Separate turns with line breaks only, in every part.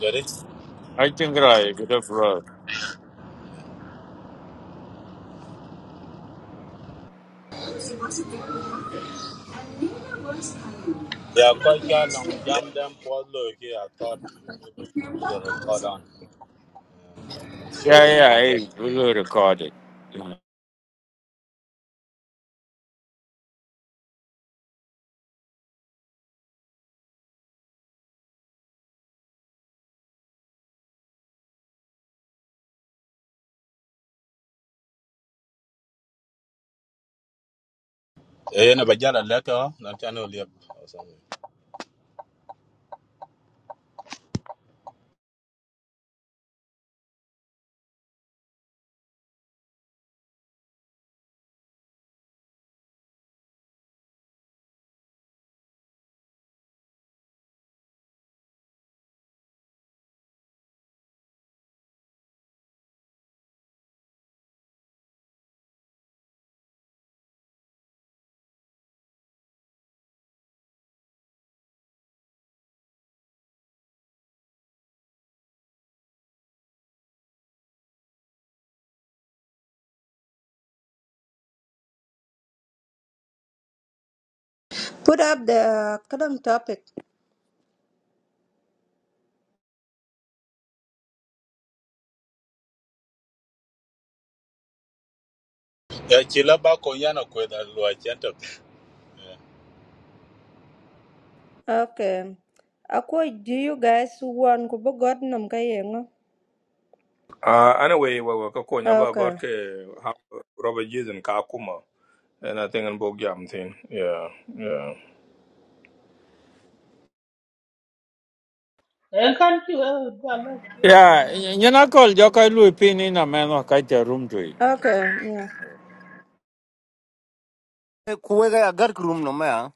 Ready?
I think I could have road.
She was a diploma and later was hired.
Yeah,
No, he
quite a
was
long jam
pregnant.
them for look here. I thought maybe we could put a record on. Show
Yeah,
and
yeah,
then leave.
I
Mm.
will record it.
Eh, na bajala letter, na channel leave or something.
Put up the current topic.
Yeah, chila ba konyana kweda lua chento. Yeah,
Okay. Ako do you guys want kubo god nam kayengo?
Uh, anyway, we were talking about got
Okay.
ke how Robert Jason Kakuma and I think in book thing. Yeah, yeah,
Kan ki wai ga lafiya wa
Yeah,
jana fa.
you're not called Jokai Lupin in a man who kite a room to it.
Okay. Yeah.
kuwega ya gar krum no ma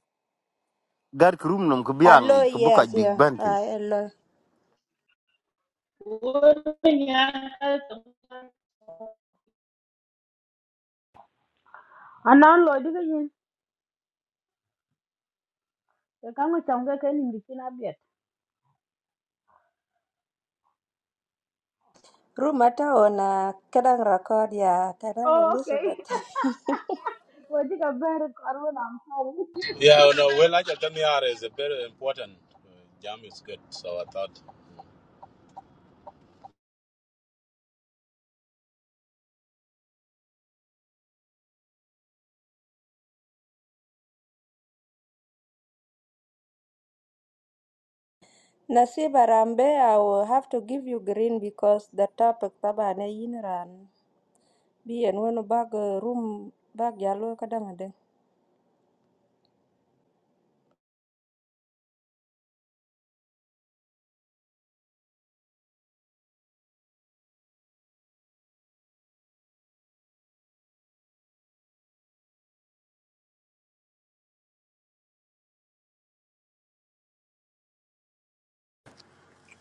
gar krum no ku biang
Hello,
i ku buka
yes,
big
yeah.
bantin
I hello.
Wurin ya
anan lo diga yin e kan ngo cham ga ken ni kin abiet
Rumata ona kadang record ya kadang
Oh, okay.
Elizabeth.
wo diga ber karbo na mari
Yeah, no, well, like I just tell me are is a very important. Uh, Jam is good, so I thought. mm.
Nasiba Rambe, I will have to give you green because the topic tabane yinran. Be and when bag uh, room bag yalo kadang ade.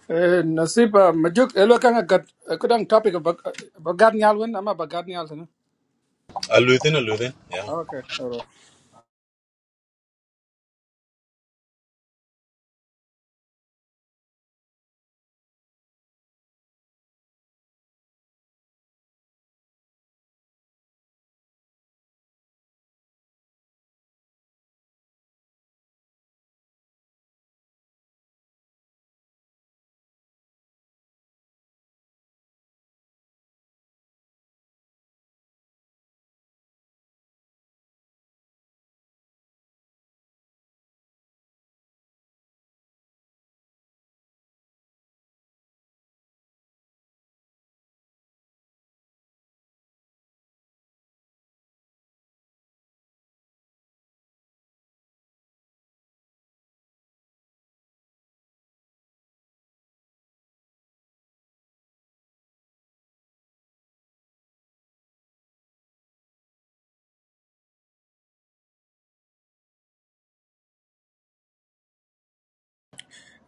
Eh, Nasiba, majuk, elo kanga gat, kudang topic about bagat nyal wen, ama bagat nyal tena.
A Luthin, a Luthin, yeah.
Okay, alright.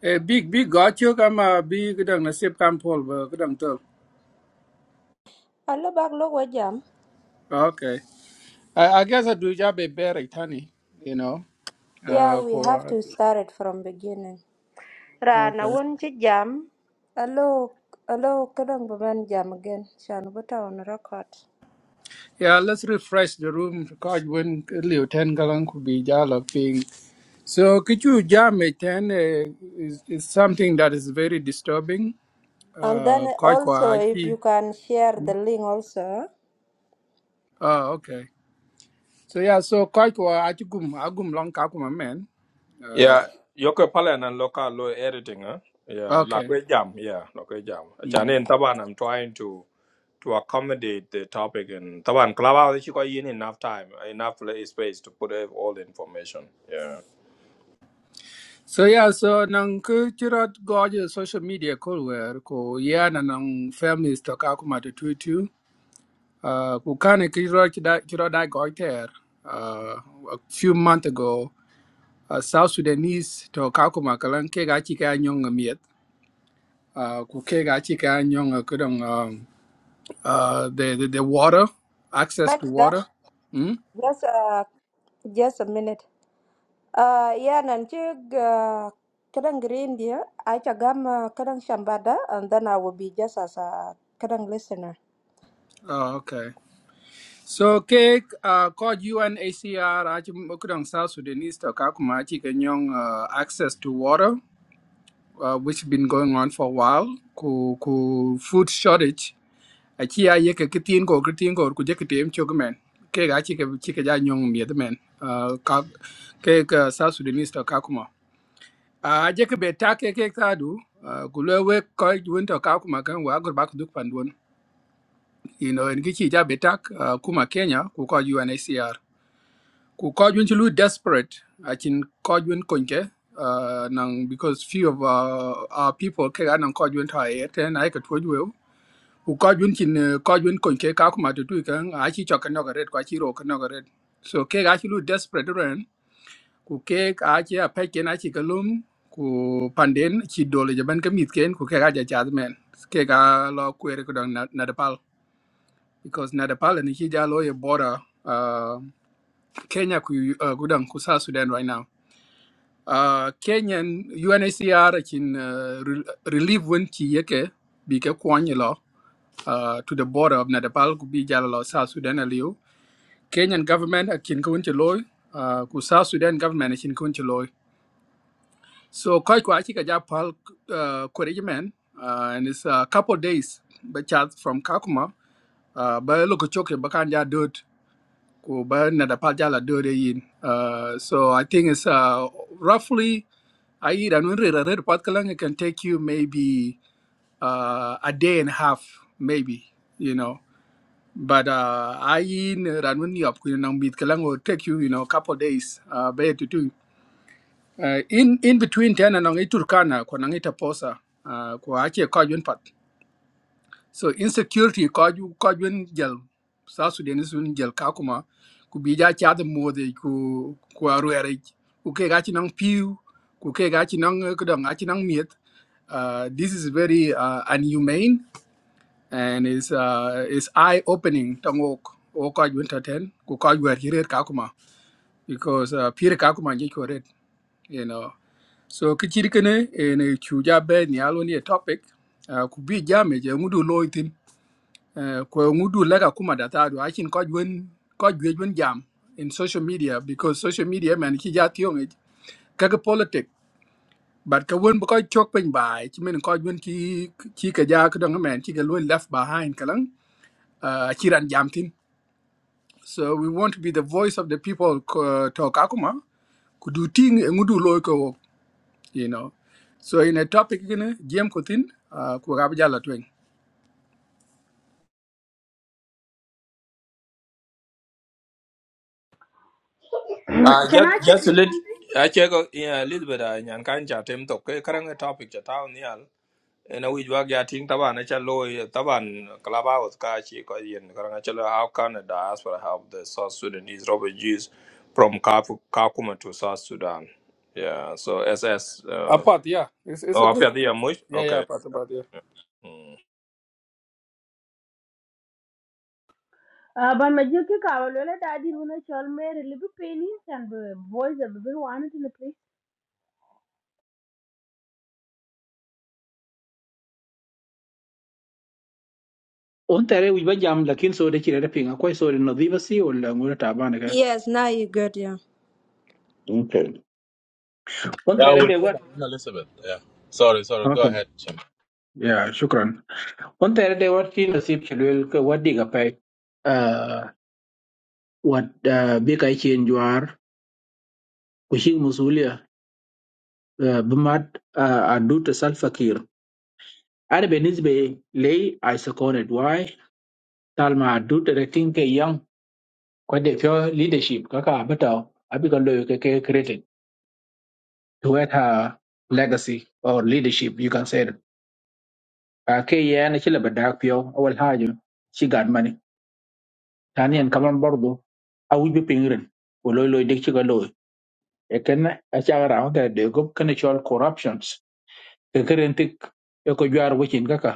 Eh, big, big got you, ama big kudang nasib kampol, ba kudang tol.
Hello bag logo jam.
Okay. I, I guess I do job a bear tani, you know,
Yeah,
uh,
we have
for,
to start it from beginning. Rana
okay.
wun ci jam alo alo kadang baban jam again shan buta on record.
Yeah, let's refresh the room, cause when liu ten galang could be jala ping. So could you jam a ten uh, is, is something that is very disturbing.
And
Uh,
then
quite
also
quite.
if you can share the link also.
Oh, okay. So yeah, so quite wa achigum agum long kakuma man. Uh,
yeah. Yoko Palan and local law editing, huh? Yeah, like
okay.
we jam. Yeah, like we jam.
Mm.
Actually, in Taban, I'm trying to to accommodate the topic and Taban Clubhouse. She got in enough time, enough la- space to put out all the information. Yeah.
So yeah, so nang kuchirat goje social media kulwer ko yeah na nang families to kakuma to tutu. Uh, kukane kichirat kichirat dai goiter. Uh, a few months ago, uh, South Sudanese to kakuma kalan ke gachi ka nyong miet. Uh, ku ke gachi nyong kudong um, uh, the, the the water access to
Manida,
water. Mm?
just uh, just a minute. Uh, yeah, nanti uh, kadang green dia, aja gam uh, kadang shambada, and then I will be just as a kadang listener.
Oh, okay. So cake uh called UNHCR Achimokudong South Sudanese to Kakumachi Kenyong uh, access to water, uh, which been going on for a while, ku, ku food shortage. Achi Achia yeke kitin go kitin go kujekitim chugman. Cake achi ke chike ja nyong miedman. Uh ka cake uh, South Sudanese to Kakuma. Uh jeke betake cake tadu. Uh, kulewe koi winter kakuma kan wagur bak duk pandun. You know, in kichi ja betak uh, kuma Kenya ku call UNHCR. ku kojun ci lu desperate acin kojun konke uh, nang because few of uh, our people ke ga nang kojun ta e ten ai ka tuju we ku kojun cin uh, kojun konke ka kuma tu tu kan a ci chokan no garet kwa ci ro kan no garet so ke ga ci lu desperate ren ku ke a ci a pe ken a ci kalum ku panden ci dole je ban ka mit ken ku ke ga ja cha men ke ga lo kwere ko dang na na depal because na depal ni ci ja lo ye border uh, Kenya ku uh, gudang ku South Sudan right now Uh, Kenyan UNHCR in uh, re- relief when ki yeke bi ke kwany lo uh, to the border of Nepal ku bi jala lo South Sudan aliu. Kenyan government akin kun ti loy uh, ku South Sudan government akin kun ti loy. So koi kwa chi ka ja pal uh, korejmen uh, and it's a couple days but chat from Kakuma uh, ba lo ko choke ba kan ja dot ko ba na da palja la yin uh, so i think it's uh, roughly i eat an unre red patkalang it can take you maybe uh, a day and a half maybe you know but uh, i in ranun yop ku nang bit kalang will take you you know couple days uh, be to do uh, in in between ten and nang iturkana ko nang itaposa uh, ko ache ko yun pat so insecurity kaju kaju jel South Sudanese won jel kakuma ku bija cha the mode ku ku aruere ku ke gachi nang piu ku ke gachi nang eh, ku dong gachi nang miet. Uh, this is very uh, inhumane and is uh, is eye opening tang ok o kaju entertain ku kaju aruere kakuma because uh, pire kakuma je ko red you know. So kichiri kene en chuja be ni alo ni a topic uh, ku bija me je ngudu loitin ko ngudu lega kuma da akin ko jwen ko jwen jam in social media because social media man ki ja tiong it ka politic but ka won ko chok pen bai ki men ko jwen ki ki ka ja ka dong man ki ka lo left behind kalang uh, kiran jam tin so we want to be the voice of the people ko to ka kuma ku du ting e ngudu lo ko you know so in a topic gene jam ko tin uh, ku ga ja la twen
Uh,
can i
just just a
suggest
little.
something
I check. Yeah, a little bit. I can chat him to. Karang topic chat out Eh, na wij wak ya ting taban acha loy eh, taban club house ka chi ko yin karang acha loy how can the diaspora help the South Sudanese refugees from Khartoum Khartoum to South Sudan yeah so SS uh,
Apart, yeah. It's, it's
oh
a good.
apia dia much
Yeah, yeah,
okay
apart, apart,
Hmm.
uh, but my juki ka wa lo da di a chol mere libu peni and the boys of the one in the place
On taray ujbadjam, lakini soare chire da pinga kwa soare nazi vasi ula moja taba nge.
Yes, now you good, yeah.
Okay. On
Yeah, I
taray
will
de
tell
wat.
Luthin Elizabeth, yeah. Sorry, sorry, go
Okay.
ahead, Sham.
Ya, shukrani. On taray de wat kwa nazi vasi uli kwa diga pai. Uh, wat bikaicheni juara kushik musuliya. Uh, bima adut salfakir. Anu benizbe lei aseko netway. Tala adut rating ke iyang kwa dekia leadership kakapa betau abiga loo kwa created. Hueta legacy or leadership you can say. that. Okay, yeah, actually, but darkyau, I will have to see Godman. Then he can come on board. Do I will be penguin? We'll only do this with you. Because I just got around there. Do you know? Because there are corruptions. Currently, I go to our witness. Okay,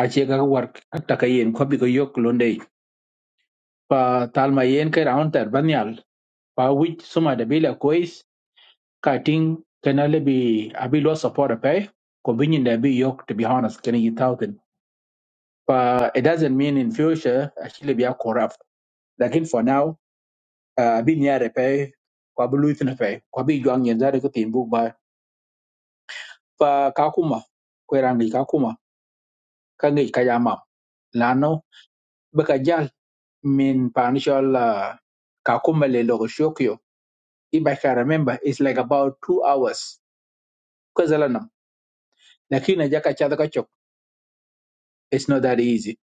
I just got work. I take it in. We have to be York London. But tell me, I can around there. Banial. But which some of the bills, coins, cutting can only be able to support a pay. Combine in there be York to be honest. Can you tell them? But it doesn't mean in future actually be a corrupt. Lakini for now, uh, bin yare pe kwa bulu itin pe kwa bi juang yen zari kutin buk ba pa kakuma kwe rangi kakuma ka ngi kayama lano baka jal min panishol uh, kakuma le logo shokyo if I remember it's like about two hours kwa zalanam lakini jaka chadha kachok it's not that easy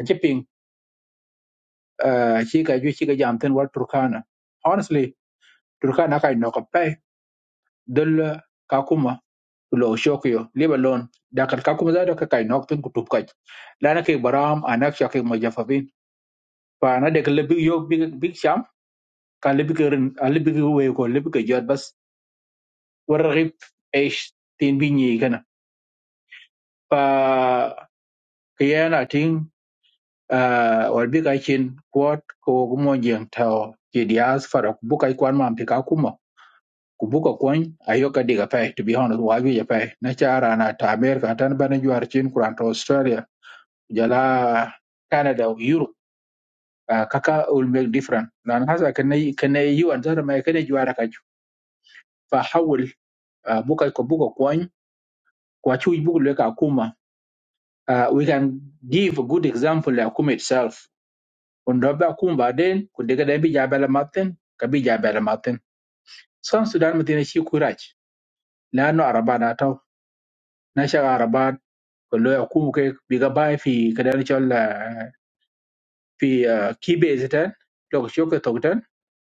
achiping uh, chika ju chika jamten wal Turkana honestly Turkana kai nokapay dul kakuma lo shokyo liba lon dakal ka kuma zado ka kai nok pin kutub kai lana kai baram anak shakai majafafin fa na daga labi yo big big sham ka labi ka rin a labi ka wey ko labi ka jot bas warrip eish tin binyi kana fa kiyana tin ah, wal bi ka kin kwat ko gumo jeng taw ke dias fara ku buka kwan ma pe ka kuma ku buka kwan ayo ka diga pai to be honest wa bi ya pai na chara na ta america tan bana juar chin kuran to australia jala Canada or Europe uh, kaka will make different nan hasa kana kana you and zara mai kana juara kaju fa hawul uh, buka ko buka kwan kwa chu buku leka kuma uh, we can give a good example la kuma itself undo ba kuma den ku daga da bi jabala matin ka bi jabala matin san sudan mutina shi kuraj la no araba na taw na sha araba ko lo kuma kai biga bai fi kadan cholla fi uh, kibe zita lokacin ka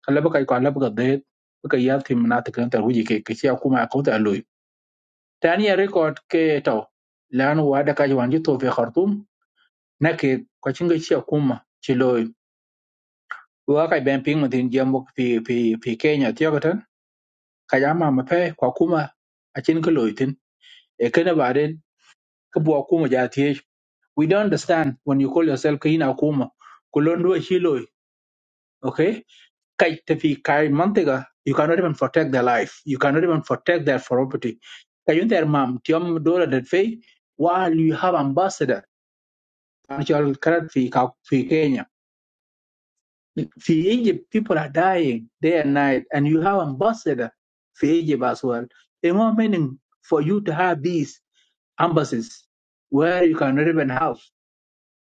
kala baka ko ala baka de baka ya ti minata kan tar huji ke ke ya kuma ko ta loy tani ya record ke to lan wa da ka wanji to fe khartum na ke ko cinga ci kuma ci loy wa ka ben ping mutin jambo fi fi fi Kenya ti ko tan ka ya ma ma fe ko kuma a cin ka loy tin e kana ba den ka bu kuma ja ti we don't understand when you call yourself kina kuma kulon do shi loy okay Kai tefi kai mantega, you cannot even protect their life. You cannot even protect their property. Kayun their mom, tiom dollar that fee, while you have ambassador, natural current fee ka fi Kenya. Fi Egypt, people are dying day and night, and you have ambassador fi Egypt as well. It more meaning for you to have these embassies where you cannot even have.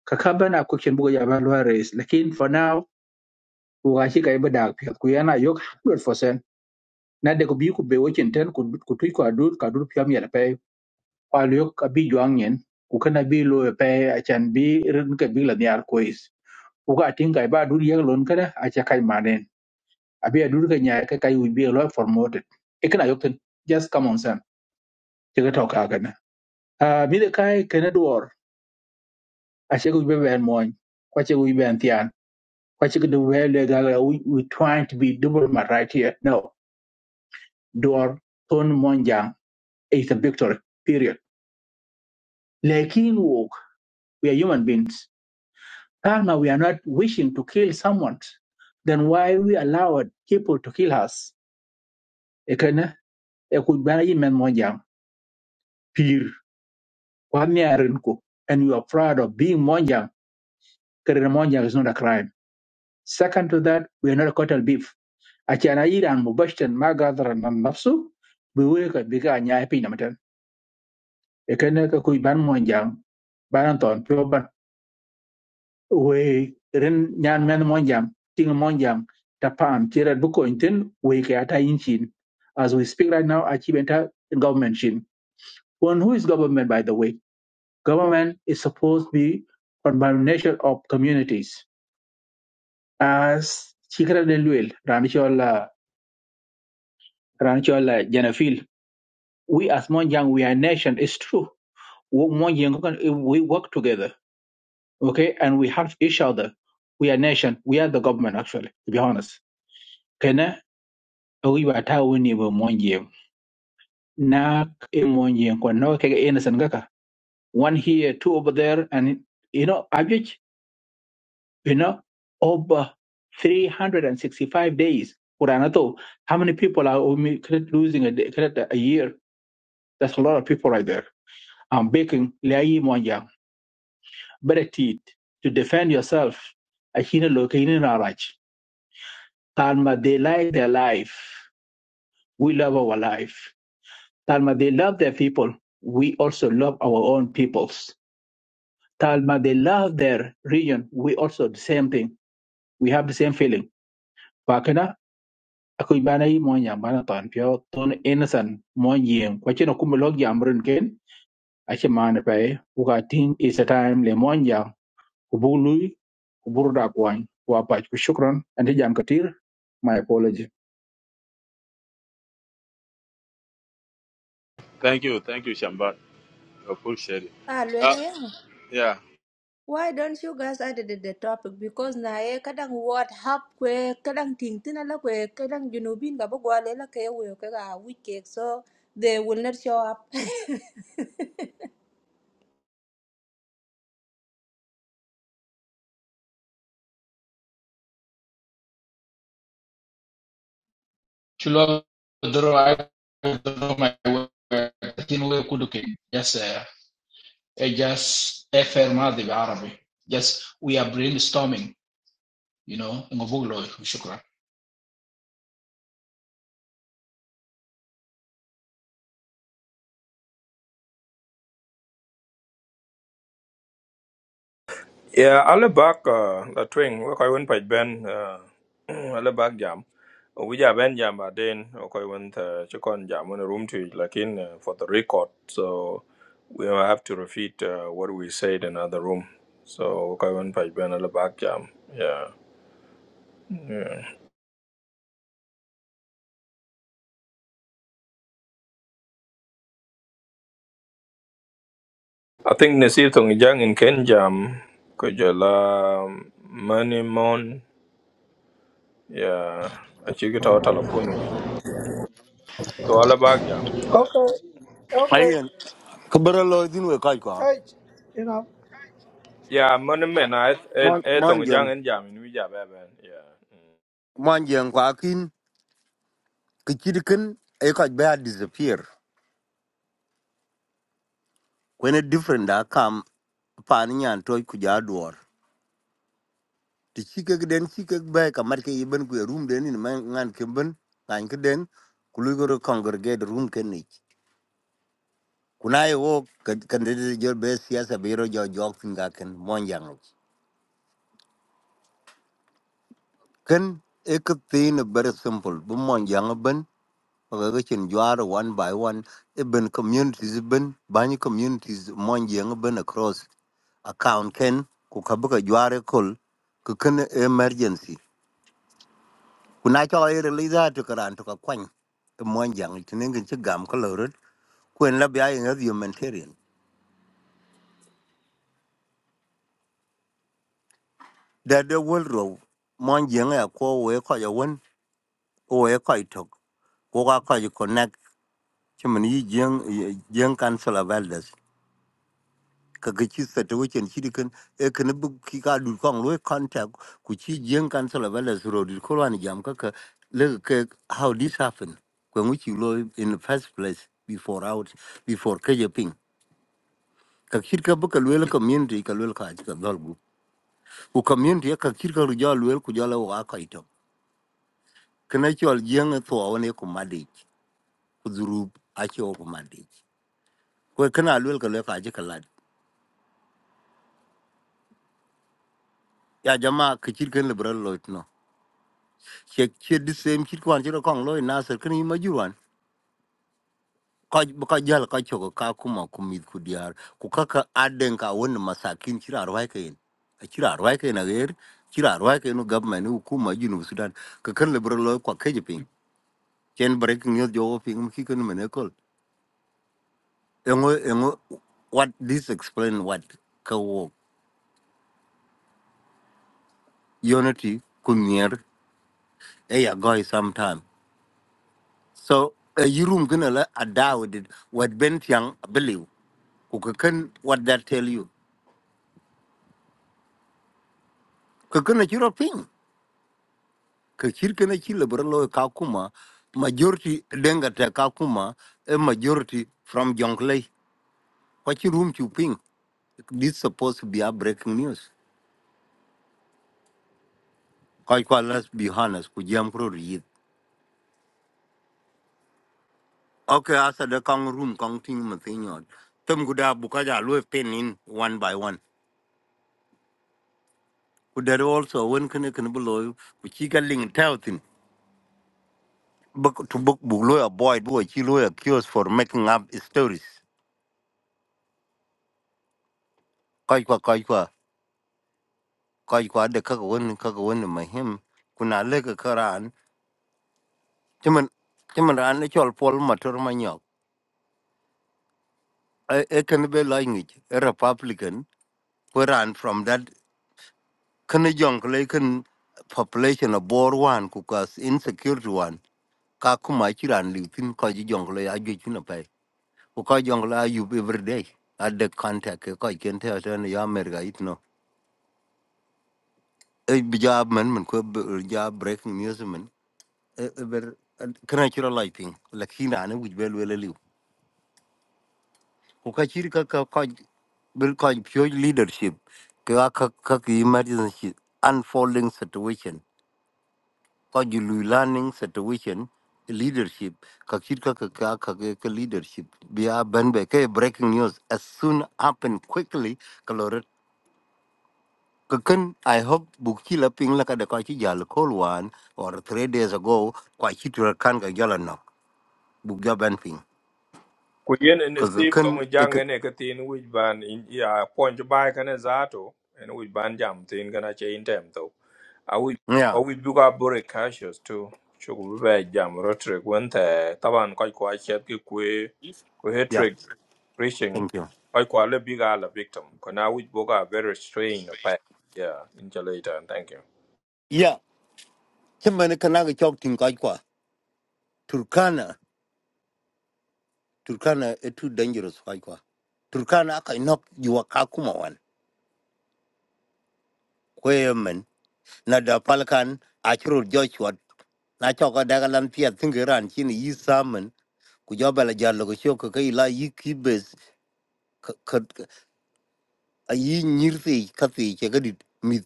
Kakaban a kuchen bugo ya balwa race. Lakin for now, ugashi kaiba dag. Kuyana yok 100%. na de ko bi ku be wechen ten ku ku tui ko adur ka adur pyam yel pe kwa lyo ka bi juang yen ku kana bi lo yo pe a chan bi rin ka bi la nyar ko is ku ka tin kai ba adur yel lon kada a cha kai manen abi adur ka nya ka kai u bi lo promoted e kana yok ten just come on sam che ka to ka kana a mi de kai kana dor a che ku be ben moy kwa che ku be an tian kwa che ku de we le ga ga, we we trying to be double my right here no dor ton monjang is a victory period lekin wo We are human beings. Ah, now we are not wishing to kill someone. Then why we allowed people to kill us? Ekene, ekubara yimen monjang, pir, kwani arinku. And we are proud of being monjang. Kerere monjang is not a crime. Second to that, we are not a cattle beef. Achana ira an mubashten magadra nan nafsu, biwe ka biga anyai pinamatan. Ekene ka kuiban monjang, baranton, we ren nyan men monjam ting monjam ta pam tira buko inten we ke ata inchin as we speak right now achibenta government shin one who is government by the way government is supposed to be combination of communities as chikra de luel ranchola ranchola janafil we as monjam we are a nation it's true Wo- monjam we work together okay and we help each other we are nation we are the government actually to be honest Okay, Ogi ba ata woni ba monje na e monje ko no ke innocent kaka one here two over there and you know average you know over 365 days Quran to how many people are only credit losing a day, credit a year that's a lot of people right there I'm baking layi monja better teeth to defend yourself a hina loke hina raj kalma they like their life we love our life Talma, they love their people. We also love our own peoples. Talma, they love their region. We also the same thing. We have the same feeling. Wakana, aku ibana yi mon yam bana tan pio ton innocent mon yem. Kwachino kumulog yam run ken. Ache man pay. Uka ting is a time le mon yam. Kubului, kuburda kwan. Wapach kushukran. And the jam katir. My apology.
Thank you, thank you, Shambat. Appreciate it.
Ah,
Uh,
lele ya.
yeah.
Why don't you guys edit the the topic? Because na e kadang what hap kwe kadang ting tina la kwe kadang junubin ka bagwa le la ke we ke ga week so they will not show up.
Chulo dro ay dro may we kuduke. Yes. sir. Eh, just efer madhi Arabic. just we are brainstorming you know ngobulo shukran
Yeah, alle bak uh, la twing we koy won paj ben uh, alle bak jam. We ja ben jam ba den we koy won ta chikon jam won room to lakin uh, for the record. So we will have to repeat uh, what we said in other room. So we koy won paj ben alle bak jam. Yeah. yeah. I think nasir tong jang in ken jam ko jala money mon yeah. Achigita telephone. So alle bak jam. Yeah.
Okay, okay,
ayen ku bero din we kai kwa
hey, you know,
Yeah, man, man, I, and,
mon
and,
mon
tong jang
jeng
and jam in which I yeah.
mon jeng kwa kin ku chirkin e ka ba disappear when a different da kam pan nyan to ku ja dor ti chike den chike ba ka mar ke iben ku room den ni man ngan kimben kan ke den ku lu go congregate room ken ni kuna yo kan de jor be siasa biro jo jok tin ken mon jang Ken ek thing very simple. Bumon yang ben pagagachin juar one by one. Even communities e ben bany communities mon yang ben across account ken kukabuka juare kol kuken emergency. Kuna cho ay release to karan to kakwany. Mon yang tinengin chigam kalorot kwen la bia yin humanitarian. Da the world row mon yang ya ko we ko ya won we ko itok. ci min yi jiyan yi- jiyan council of elders ka ga ci sa ta wucin shi dikin e kan bu ki ka du kan lo contact ku ci jiyan council of elders ro du ko wan jam ka ka le ka how this happen ko mu ci lo in the first place before out before ka je ping ka kir ka bu ka lo community ka lo ka ci ka dal bu ku community ka kir ka ru ja lo ku ja lo wa ka ito kana ci wal jiyan to wa ne ku madai ku zuru a ci wa ku madai ko kana lo ka lo ka ji ka lad ya jama ke chir ken liberal loit no che che the same chir kwan chiro kong loy nasir ken yima juwan ka ka jal ka choko ka kuma kumit ku diar ku kaka aden ka won masakin chira arwai ken a chira arwai ken ager chira arwai ken government u kuma jinu sudan ke ken liberal loy kwa ke jipin chen breaking yo jo ping ki ken mene kol engo engo what this explain what ka wo unity kunyer eya goy sometime so a room gonna la a dawdid what bent yang believe kukakan what that tell you kakana chiro ping kakir kana chila bralo kakuma majority denga ta kakuma a majority from jonglei what you room to ping this supposed to be a breaking news quite quite let's be honest ku pro read okay asa the kang room kang ting matin yod tem guda bukaja lo pen in one by one ku there also when kana kana below ku chiga link book to book book lawyer boy boy chi lawyer cures for making up stories kai kwa kai kwa kai kwa de ka won ka won ma him kuna le ka karan chiman chiman ran ne chol pol motor ma nyok e e kan be language a republican who ran from that kan jong le kan population of bor one ku ka insecurity one ka kuma chi ran li tin ko ji jong le a ju chi na pai ko jong la you every day at the contact ko ken te ta ne ya mer e bijab man man ko jab breaking news man e e ber kana chiro lighting lakini ane wuj bel wele liu ko ka chiri ka ka ka bil ka pure leadership ka ka ka ki emergency unfolding situation ka ju lu learning situation leadership ka chiri ka ka ka ka ka- ka leadership bi a ban be ka breaking news as soon happen quickly Kakan, I hope Bukila Ping Lakadakachi Jal call one or three days ago, Kwachitra Kanga Jalano, Bukja Banping.
Kuyen and the sip
Kakan,
tong jang and ekatin which ban in, yeah, point by can as ato, and which ban jam thing gonna chain them though. I will,
yeah,
or we book up very cautious too. Chuku be jam rotrick when the taban quite quite chet ki kwe, kwe
yeah,
trick preaching,
thank you.
quite quite a big ala victim. Kana which book are very strained, yeah, in later, thank you.
Yeah, Chimanakanaga Chok Tinkaikwa, Turkana, Turkana is too dangerous, Kaikwa. Turkana I aka inok yuwa kakuma wan. Kwemen, nada palakan, achiro Joshua, nachoka dagalan pia thingiran chini yi samen, kujabala jalo kushoka kaila yi kibes, ayi nyirti kathi che gadit mit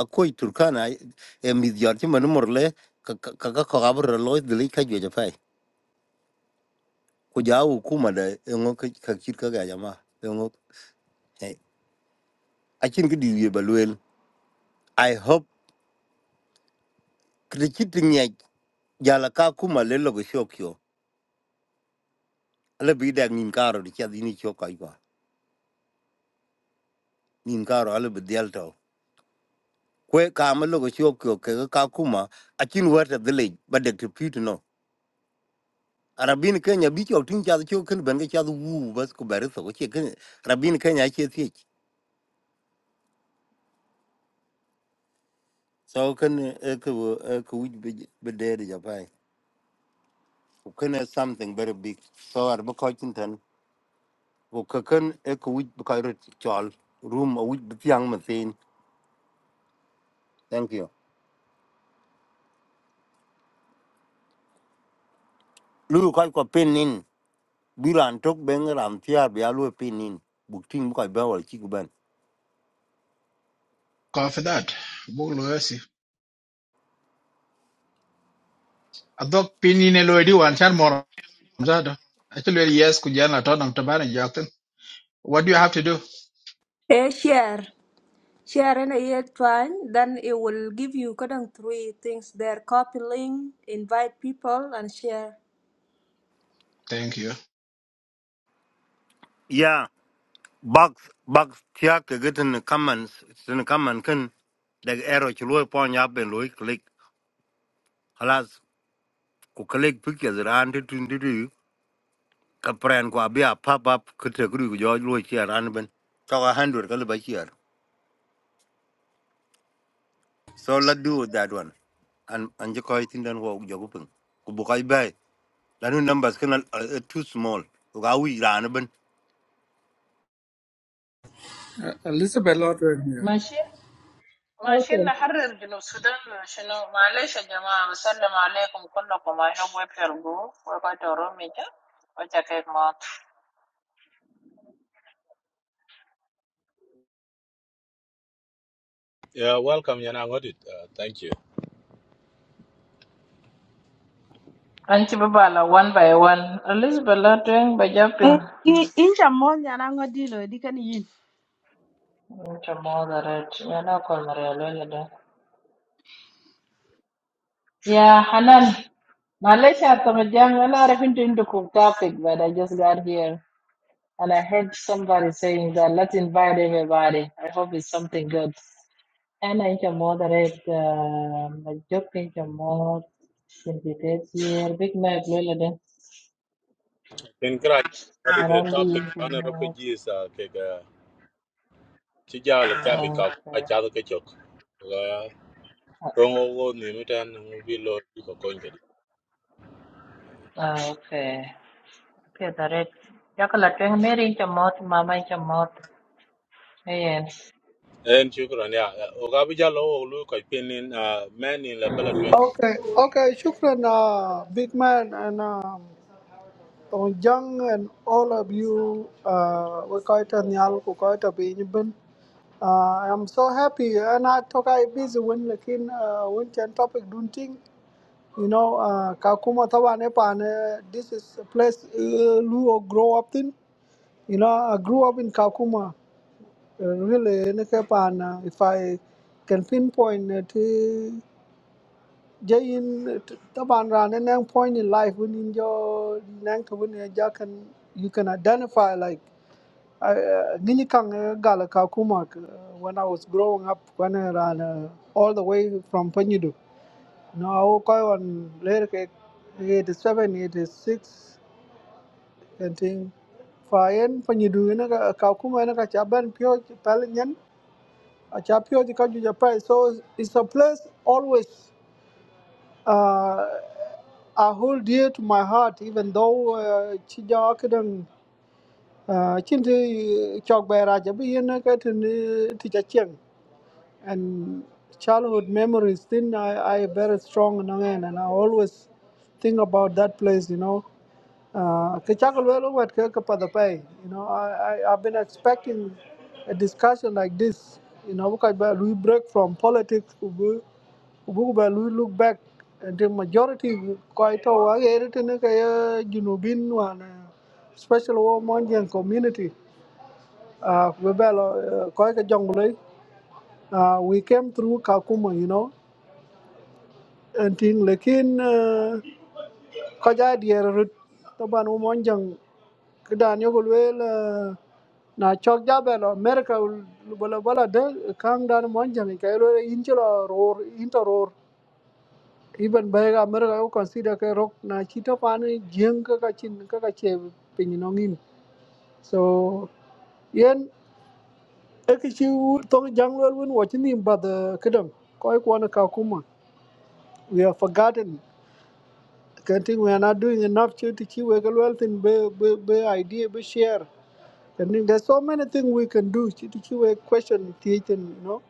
akoi turkana e mit yar che manu morle ka ka ka ka ka bro lo dili ka jwe japai ku jawu kuma da ngo ka ka kir ka ga jama ngo hey achin gidi ye balwel i hope krichit nya jala ka kuma le logo shokyo ala bi da nin karo di cha dini choka iba nin karo ala bi dial to kwe ka ma logo shokyo ke ka kuma achin wata dili ba de rabin kenya bi chok tin cha chu ken ben ga cha wu bas ku ber so che ken rabin kenya che ti so ken e ku e ku be de de ja pai ku ken is something very big so ar ba ko tin tan ku ka ken e ku wi ba ka ro chol room a wi bi yang ma tin thank you lu ko ko pin nin bi ran tok ben ram tia bi a lu pin nin bu tin ko ba wal chi ku ben
Confident, for that bulo yasi adok pinine lo di wan chan moro zado actually yes kujana tonam tabana jakten what do you have to do
Eh share share and a twine then it will give you kadang three things there copy link invite people and share.
thank you
bak bak tiak ke gitin comments tin comment kin dag arrow ci loy pon ya ben loy click halas ku click pictures ran tu tu tu ka pren ko abia pop up ku te gru jo loy ci ran ben to ga handur ka ba ci so let's do that one and and je ko tin den wo jo ku pung ku bu kai bay lanu numbers kin are, uh, too small ku ga wi ran ben
Uh, Elizabeth Lodren here.
Anchovies are
okay
Yeah, welcome, Yana Ngodit. Uh, thank you.
one by one. At least, we're not doing by jumping.
Eh, i- Inja mon yana ngo dilo di kan yin.
Yeah, Hanan. Malaysia at the moment, I'm not even into the topic, but I just got here and I heard somebody saying that. Let's invite everybody. I hope it's something good. Anna, which mode are it? Major, which mode? Yesterday, big man, blue ladder,
in kra Ah, the topic
orange,
an refugees uh, ke ga ci a
okay,
jaal rongo go ni mitan ngi bi lo di ko konge
okay. Which are it? Jackal, change, maybe which mode? Mama, which mode? Hey,
en shukran ya uh, in la bala twen
okay, okay, shukran, uh, big man, and um, Tong Jang, and all of you, uh, we call it an we call it a Uh, I'm so happy, and I talk I busy when lakin uh, when can topic doing thing. you know, uh, kakuma tawa nepane. This is a place uh, Luo grow up in. You know, I grew up in Kakuma. Uh, really, neke pan, uh, if I can pinpoint it. Jayin Taban Ran and then point in life within your Nanka when you can you can identify like Ginikang Galaka Kumak when I was growing up when I ran uh, all the way from Panyudu. now I woke up on later ke- 87, 86, and thing. Fayen Panyudu in a Kakuma and a Kachaban Pio Palinyan, a Chapio, the country Japan. So it's a place always. Uh, I hold dear to my heart, even though uh, ci jawa kadang uh, chinti chok bay raja bi yin ka tin ti cha and childhood memories then I, I very strong in Nangan and I always think about that place, you know. Uh, Kichakulwelo wat kekapathapay, you know, I, I, I've been expecting a discussion like this, you know, because we break from politics, we, we we look back and the majority quite our everything kaya junubin one, uh, special war Monjan community. Uh, we belo koi ka uh, we came through Kakuma, you know, and thing lekin uh, kaja dier rut taban umonjang kedan yo gulwel na chok jabel America bala bala de kang dan monjang ka lo inchlo ror into ror even bega America yo consider ka rock na chito pan jeng ka ka chin ka ka che pin no ngin so yen ekichi tong janglol won watching him but the kedam koi kwana Kakuma we have forgotten I think we are not doing enough to to keep our wealth in be be be idea be share. I then there's so many things we can do to to keep our question teaching. you know.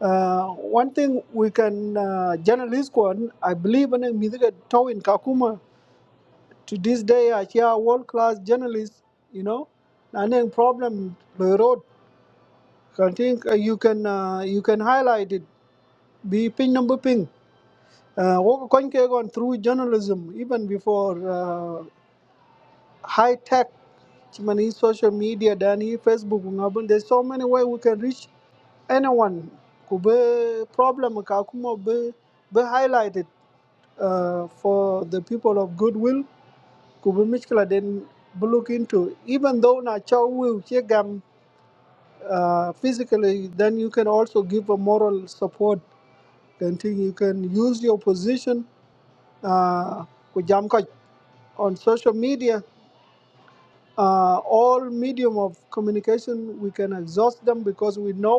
Uh, one thing we can uh, journalist one, I believe in music tow in Kakuma to this day I hear world class journalists, you know, and then problem the road. I think uh, you can uh, you can highlight it. Be ping number ping. Uh, work on through journalism even before uh, high tech Chimani social media dan Facebook ngabun there's so many way we can reach anyone ku problem ka kuma be be highlighted uh, for the people of goodwill ku be mishkila den be look into even though na chow will che gam uh, physically then you can also give a moral support then think you can use your position uh, ku jam on social media uh, all medium of communication we can exhaust them because we know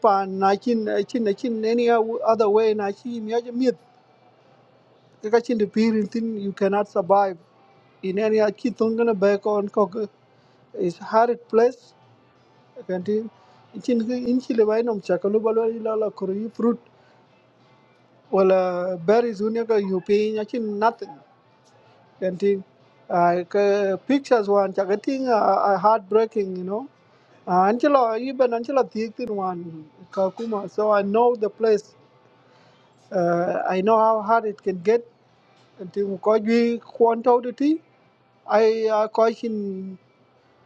pa na chin eh, chin eh, chin any other way na chi mi aje mit ka chin the peer thing you cannot survive in any a chi tong gonna back on cock is hard place can tin chin ki in chi le bai nom cha ka lu ba lo la la kuru fruit wala berries unya ka you pay nya chin nothing can tin I ka pictures one cha ka ting are heartbreaking you know uh, Angela, even Angela Thiektin one Kakuma. So I know the place. Uh, I know how hard it can get thì cũng có duy quan thâu được thì thi I uh, coihin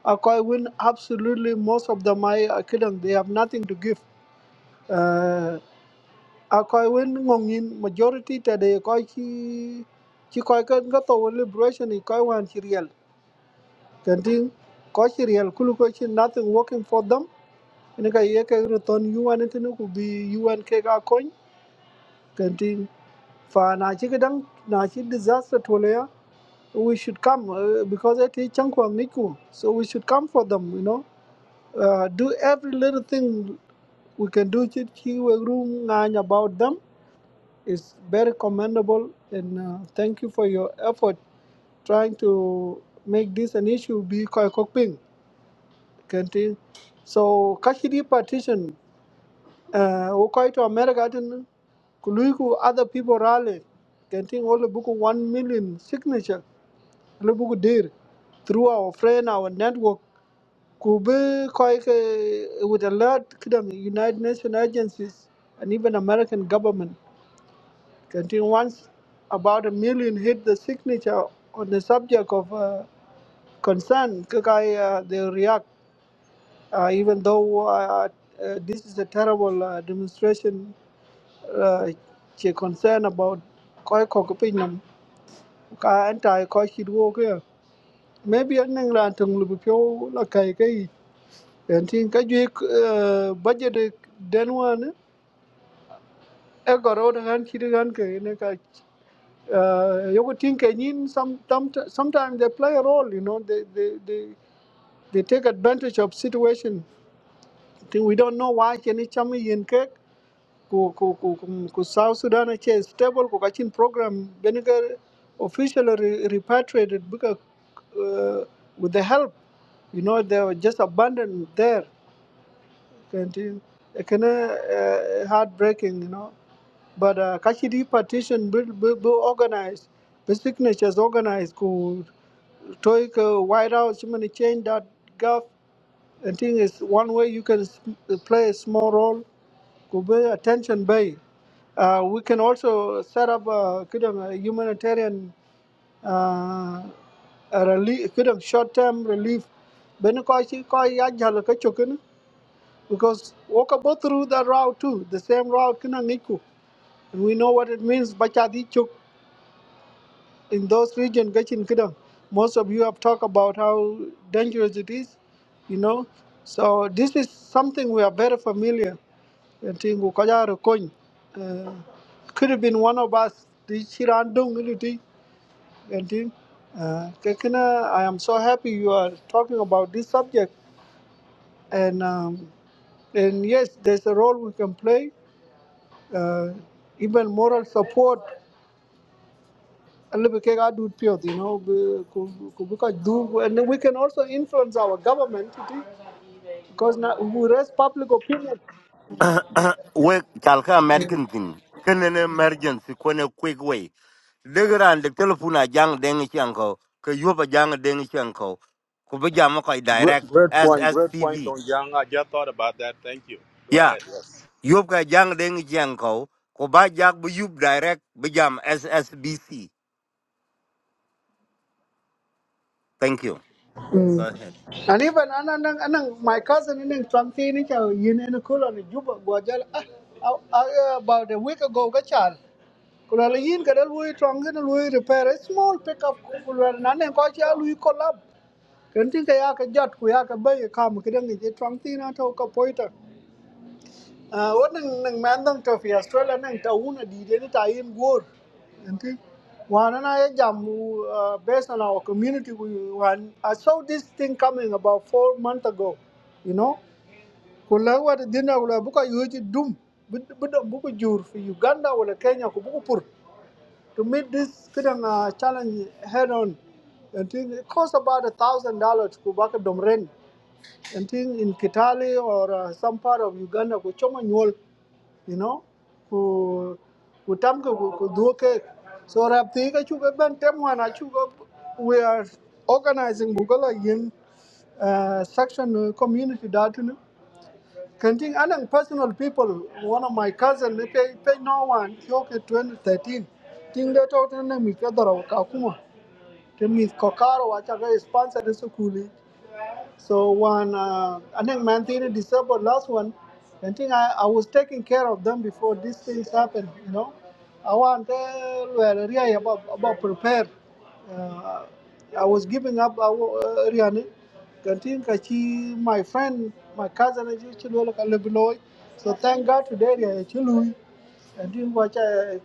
I coi win absolutely most of them I I couldn't they have nothing to give uh, I coi win ngon in majority ta de coi chi chi coi cái cái tàu liberation thì coi hoàn chi real then thì coi chi real kulu coi chi nothing working for them nên cái cái cái return UN thì nó cũng bị UN cái cái coin then thì và na chi cái đăng na chi disaster thôi we should come uh, because it is Changkwang Niku. So we should come for them, you know. Uh, do every little thing we can do to room about them is very commendable. And uh, thank you for your effort trying to make this an issue. Be koi cooking, So Kashidi partition, uh, ukoi to America, then kuluiku other people rally, can't all the book one million signature, all the book dear through our friend, our network. ku bi koi with a lot of United Nations agencies and even American government contain once about a million hit the signature on the subject of uh, concern kakai uh, they react uh, even though uh, uh, this is a terrible uh, demonstration uh, che concern about koi kokopinam ka anti koi shidwo ke maybe an nang to tung lu pyo la en tin ka jwe eh, budget e den wan e goro de han chi han ke ne ka uh, you would think and in some sometimes they play a role you know they they they, they take advantage of situation think we don't know why any chama yen ke ku ku ku ku ku South Sudan che stable ku kachin program benigar officially re- repatriated because uh, with the help you know they were just abandoned there canteen kana uh, heartbreaking you know but uh, kashidi partition be, be, be organized the signatures organized could take uh, white house you many change that gov I think it's one way you can s- play a small role could be attention bay uh, we can also set up a, kind of a humanitarian uh, a relief kind of short-term relief ben ko ci ko ya jall because Okabo through that route too, the same route Kinangiku. And we know what it means Bachadichuk in those regions, Gachin Kidam. Most of you have talked about how dangerous it is, you know. So this is something we are very familiar. I think Ukajaro Kony, uh, Could have been one of us. the Chirandong Iliti, I think. Uh, Kekina, I am so happy you are talking about this subject. And um, and yes, there's a role we can play uh, even moral support you know and we can also influence our government you see, because na, we raise public opinion
we kal ka med kin tin kin an emergency ko ne quick way degeran de telephone a jang deng chiang ko ke yoba jang deng chiang ko be jam ko
great,
direct
great
as
point
as
great point
tv
on yang i just thought about that thank you go
ya
ahead yes
yob ka jang deng chiang ko ko ba jak bu yub direct be jam ssbc thank you
mm.
go ahead
and even anang anang my cousin in transi ni cha yin en kulo ni juba gwajal ah, ah, ah, about a week ago ga chal kulo la yin kadal we trangi na we repair a small pickup kulo na ne ko cha lui collab kan tin ka ya ka jot ku ya ka bay ka mu kidan ni transi na to ka poita Uh, what nang nang man dang trophy Australia nang tauna di de ni tayin Enti. Wana na ya jam uh, based on our community we wan I saw this thing coming about four months ago. You know, kula wa dinner, dina kula buka yuji dum bidam buku jur fi Uganda wala Kenya ku buku pur to meet this kidang uh, challenge head on. And think it costs about a thousand dollars to back a domren. And think in Kitale or uh, some part of Uganda, kuchoma nyol you know who ku tam ku ku do ke so rap ti ka chu ke ben tem wan a chu ko- we are organizing bugala yin uh, section uh, community that you Kenting anang personal people, one of my cousin, they pay, pay no one, Kyoke 2013. Ting de to tene mi kadaro kakuma. Te mi kokaro wachaga sponsor de sukuli. So when uh, Anek Mantiri disabled last one, I think I, I was taking care of them before these things happened, you know. I want uh, well, really about, about prepare. Uh, I was giving up I wa- uh, Riani. Continue Kachi, my friend, my cousin, and she will look a little below. So thank God today, Riani Chilui. And you watch a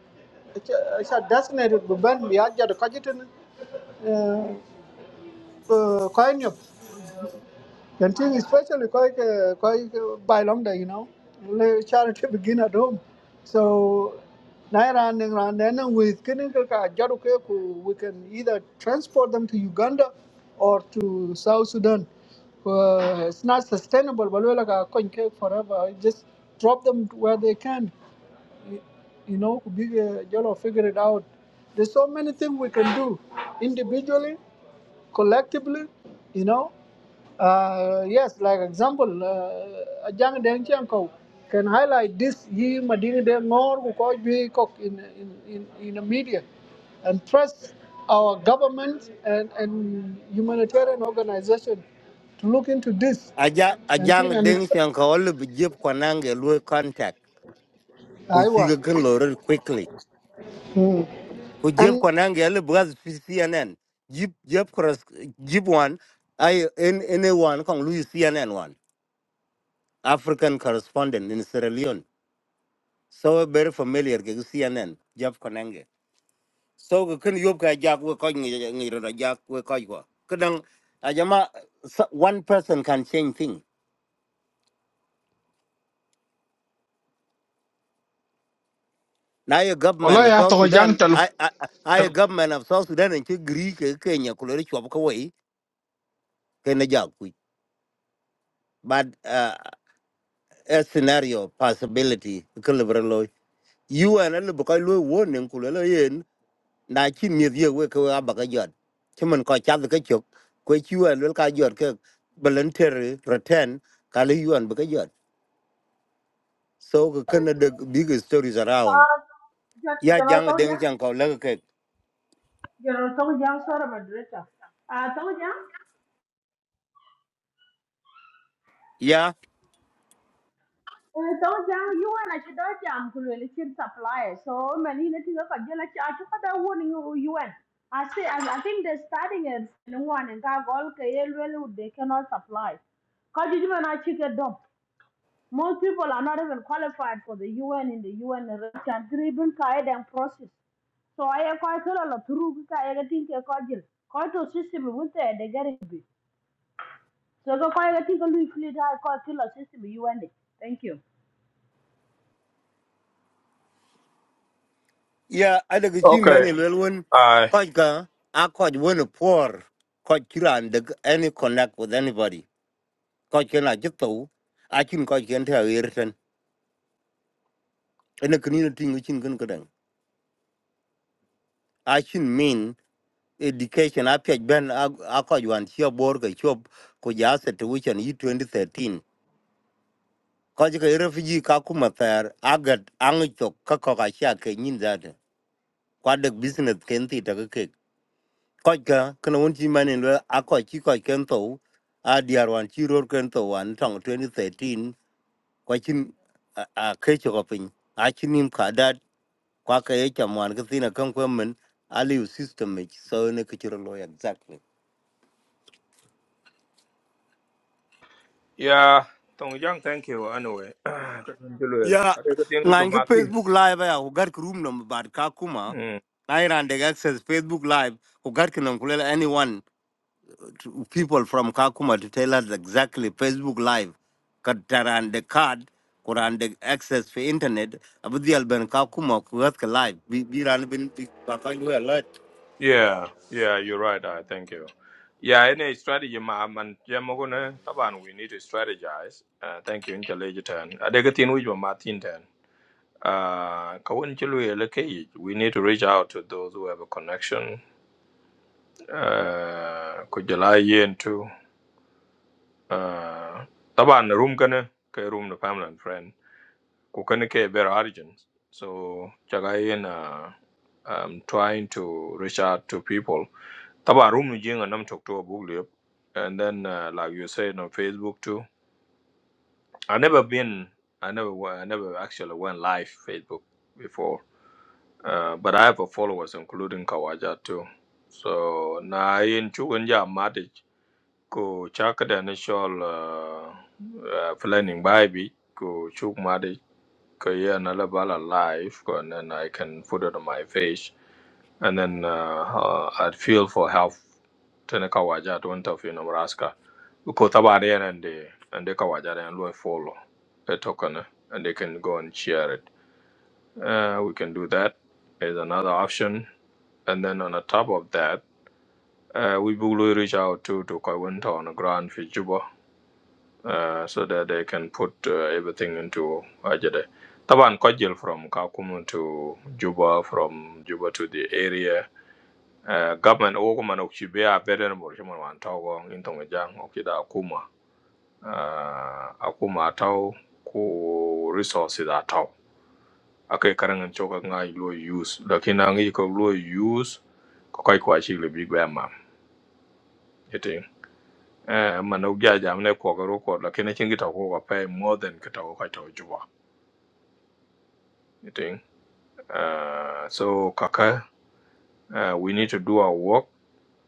designated Buban, the Aja, the Kajitan, Koyanyop. And thing especially quite uh, quite uh, by long day, you know, the charity begin at home. So now running around then with clinical Jarukeku, we can either transport them to Uganda or to South Sudan. Uh, it's not sustainable, but we're like a coin cake forever. Just drop them to where they can. You you know, big uh, Jolo figure it out. There's so many things we can do individually collectively, you know. Uh, yes, like example, uh, Ajang Deng Chiang Kau can highlight this he Madini Deng Ngor who called me cock in, in, in, in the media and trust our government and, and humanitarian organization to look into this
aja
and
ajang
thing and
deng
it's-
chiang ko le be jeb ko nange lu contact ku chi
Aiwa.
ga kan lo rel quickly
Mm.
ku jeb
And
ko nange le braz cnn jib jeb cross jib one i in anyone kong lu cnn one African correspondent in Sierra Leone. So very familiar with CNN, Jeff Konenge. So we can you can jack we call you ni ro jack we call you. Kadang ajama so- one person can change thing. Now your government
Although
of
ya
South
to jang
Sudan,
tal
I I I a
tal
government of South Sudan and you Greek Kenya kulori chop kawai kena jack we. But uh, a scenario possibility kulibra loy. You and a little boy warning kulelo na chi mi ye we ko a ba ga jot chi man ko cha ga chok ko chi we lul ka jot ke voluntary return ka le yuan ba ga jot so ko kana the big stories around
uh
ya
general
jang
tong
deng
jang
jang ko la ke
general tong jang sort of a director uh tong jang
ya
Eh, tong jang yuan a chi do jam ku le chin supply so many ne ti ka je la cha chu ka da won yuan i see i I think they starting it no one and ka gol ke ye le they cannot supply ka ji ma na chi ke do most people are not even qualified for the un in the un and driven ka e dem process so I am quite a lot of through I get think a cordial. Quite to system with the getting be. So go quite a think a little fleet I quite kill system UN. and Thank you.
ya ada ga chi
Okay.
mani lul won
I
ko ga a ko won por ko kiran the any connect with anybody ko kena jitu a chin ko kenta irten ene kini tin chin kan kadang a chin min education apiac ben akoc wan cio bor ke cop ku ja aset wucen yi 2013 koc ke refugee ka kuma thɛɛr agat aŋic thok ka kɔk acia kek nyin dhate kuadek business ken thi teke kek koc ke kene wen ci mani lue akoc ci kɔc ken thou adiar wan ci ror ken thou wan tɔŋ 2013 kuacin akecokɔ piny aci nim kadat kuake ye cam wan kethin akenkuemen aliu system ic so ne keciro lo exactly
Yeah, Tong Yang, thank you. Anyway, Kasim Chilwell.
ya
I think the thing with
ngan ke facebook live ya ugar ke room number bar ka kuma
Mm.
na iran de access facebook live ugar ke nam kulela anyone to- people from kakuma to tell us exactly facebook live kataran the card kuran the access for internet abdial alben kakuma kugat ke live bi bi ran bin bi ba lu alert
Yeah, yeah, you're right. I thank you. Yeah, any strategy, ma, man, Jamogone, Taban, we need to strategize. Uh, thank you, Intelligent. I with your Martin then. Uh, Kawin Chilwell, okay, we need to reach out to those who have a connection. Uh, Kujala Yen too. Uh, Taban, room kana, kay room the family and friend. kukene ke better origins. So chagayen uh, um, trying to reach out to people. Taba room jing and I'm talk to a book lip. And then uh, like you said on Facebook too. I never been I never wa- I never actually went live Facebook before. Uh, but I have a followers including Kawaja too. So na in chugunja matic ko chakada initial uh, uh, planning by ko chuk create another ballot live and then I can put it on my face, And then uh, uh, I'd feel for help tena kawaja to went off in Nebraska. Because about there and they and they kawaja and we follow the token eh, and they can go and share it. Uh, we can do that. Is another option. And then on the top of that, uh, we will reach out to to Kaiwinta on the ground for Juba uh, so that they can put uh, everything into Ajede. Taban Kojil from Kakuma to Juba, from Juba to the area. Uh, government Oguman Okchibea Beden Borishiman Wantogong in Tongajang Okida Akuma. Uh, Akuma Tau ku resources Atau. Ake karangan choka nga ilo use. Lakini nangi ko lo use kakai kwa chile big bama. Iti. Eh, manok jaja mne kwa garo kwa lakini chingi tau kwa pay more than kita kwa tau Juba. you think. Uh, so, Kaka, uh, we need to do our work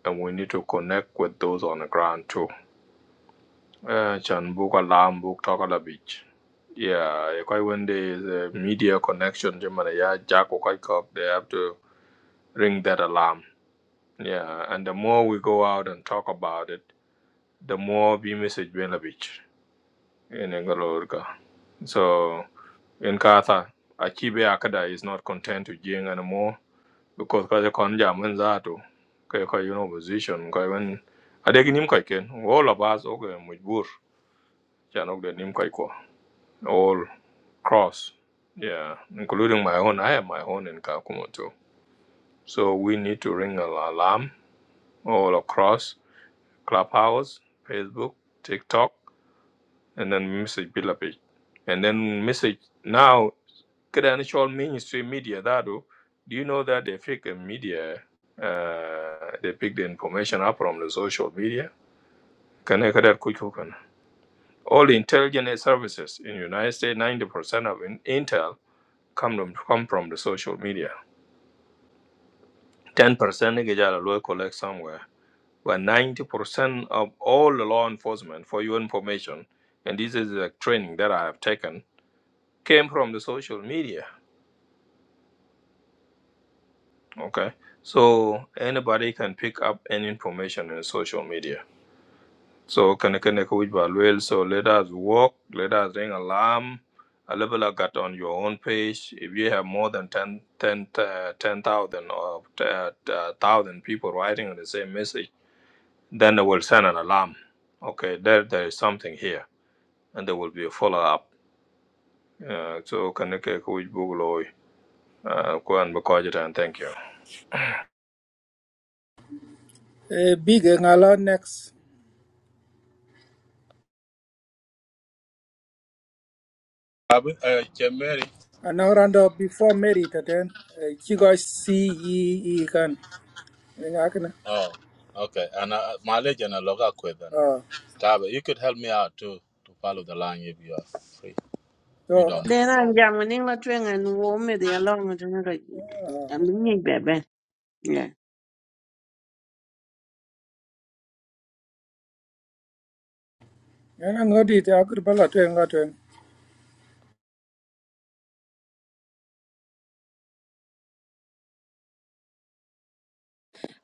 and we need to connect with those on the ground too. Uh, Chan book alarm book talk a beach. Yeah, quite when there is a media connection, Germany, yeah, Jack or kai cock, they have to ring that alarm. Yeah, and the more we go out and talk about it, the more we message Belavich in Engalorga. So, in Katha, Achibe Akada is not content to Jing anymore because kaje kon jamin zato kai kai you know position kai when adegi nim kai ken all of us okay mujbur chan ok de nim kai ko all cross yeah including my own i have my own in kakuma too so we need to ring an alarm all across clubhouse facebook tiktok and then message Bila page and then message now credential mainstream media that do do you know that they pick a media uh, they pick the information up from the social media Can I that quick open? all the intelligence services in united states 90% of in- intel come from, come from the social media 10% they get a local collect somewhere but 90% of all the law enforcement for your information and this is the training that i have taken came from the social media Okay. So anybody can pick up any information in social media. So can can which well. So let us walk, let us ring alarm. A level I got on your own page. If you have more than 10 ten, uh, 10,000 or uh, 1,000 people writing on the same message, then they will send an alarm. Okay, there there is something here, and there will be a follow up. Uh, so can I can which Google uh, go and record it and thank you.
Uh, big uh, ngalo next.
abi uh, chemeri
An hour And Another before married, then. Uh, she got C E E can. Ngakana.
oh okay and uh, mileage and a loga quit and
Uh,
Tabe, you could help me out too to follow the line if you are free you
so
don't
Then I'm jamming la twang and warm me the along to the I'm big baby. Yeah.
and I'm not it. i yana ngodi te akur bala to ngatwen.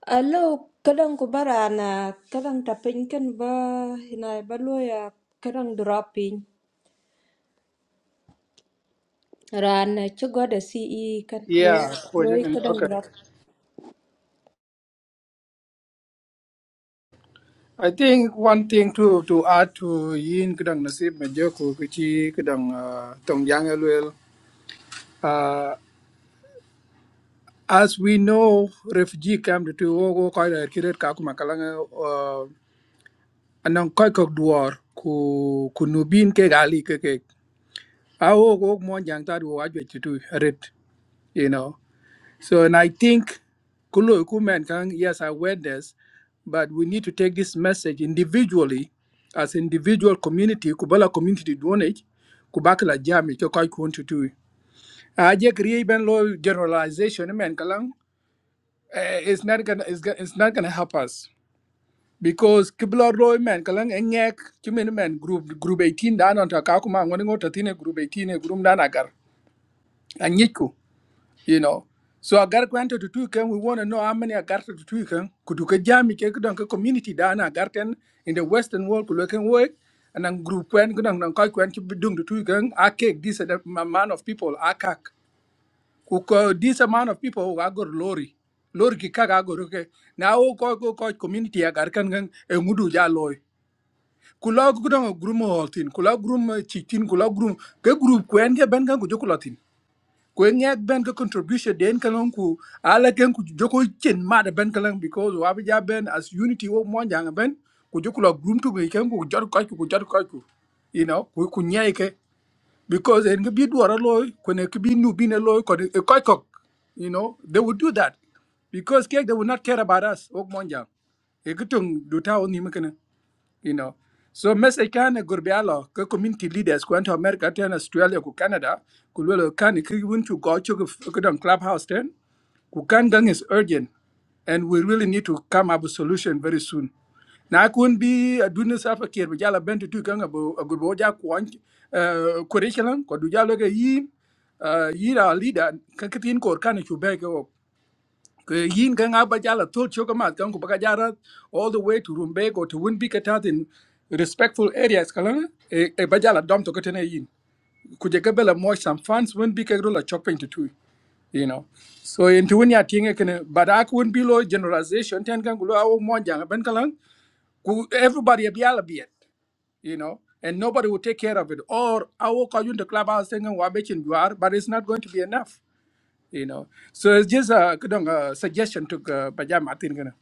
Hello kadang kubara na kadang tapin kan ba hinay ba lo ya kadang dropping. ran ci gode ci i kan loy
Yeah, koje
loy
kan.
ka dang
Okay.
drop
I think one thing to to add to yin kudang nasib majoko kichi kudang uh, tong yang elwel. Uh, as we know, refugee camp to Togo quite a kiret kakuma kalanga anong koy ko duor ku ku nubin ke gali ke ke a wo wo mo jang ta wo ajwe tu red you know so and i think kulo ku men kan yes i went this but we need to take this message individually as individual community ku bala community donate ku bakla jami ke koy ku tu tu a je kriye ben lo generalization men kalang eh, it's not gonna it's, go- it's not gonna help us because kibla roy man kalang engek chimen man group group 18 dan on taka kuma ngoni ngota tine group 18 e group dan agar anyiku you know so agar kwanta to two can we want to know how many agar to two can kudu ka jami ke kudon ka community dan agar ten in the western world ku work and then group kwen kudon nan kai kwen chi dung to two can akek this amount of people akak kuko this amount of people wa gor lori lori ki kaga gor ke na o ko ko ko community agar kan kan e ngudu ja loy kula gudang grum tin kula grum chi kula grum ke group ko en ke ben kan ku jokula tin ko en yak ben ka contribution den kan on ku ala ken ku joko chen ma da ben kan because wa bi ja ben as unity wo mo jang ben ku jokula grum tu ke ken ku jor ka ku jor ka ku you know ku ku nyai ke because en ke bi duara loy ko ne ke bi nu bi ne loy ko e ko ko you know they would do that because cake they would not care about us wo mo jang e kutung du ta oni mekene you know. So message kan gurbialo ke community leaders ko anto America ten Australia ku Canada ku lolo kan ki wun chu go to ku don clubhouse ten ku kan gang is urgent and we really need to come up with solution very soon. Na kun bi aduna safa kier bi jala bentu tu kan abo gurbo ja ku an curriculum ko du jalo ga yi yi ra leader ka kitin ko kan chu ke yin ka nga ba jala tol choka mat kan ku baka jara all the way to Rumbek or to win big in respectful areas kala e, e ba dom to kotene yin ku je gabela mo some fans win big ro la chopping to two you know so in to win ya tinga kan but ak win below generalization ten kan gulo aw mo janga ben kala ku everybody be yala be it you know and nobody will take care of it or awo ka yun the clubhouse ten kan wa be chin juar but it's not going to be enough you know. So it's just a uh, kudong, uh, suggestion to uh, Pajama Martin. Gana.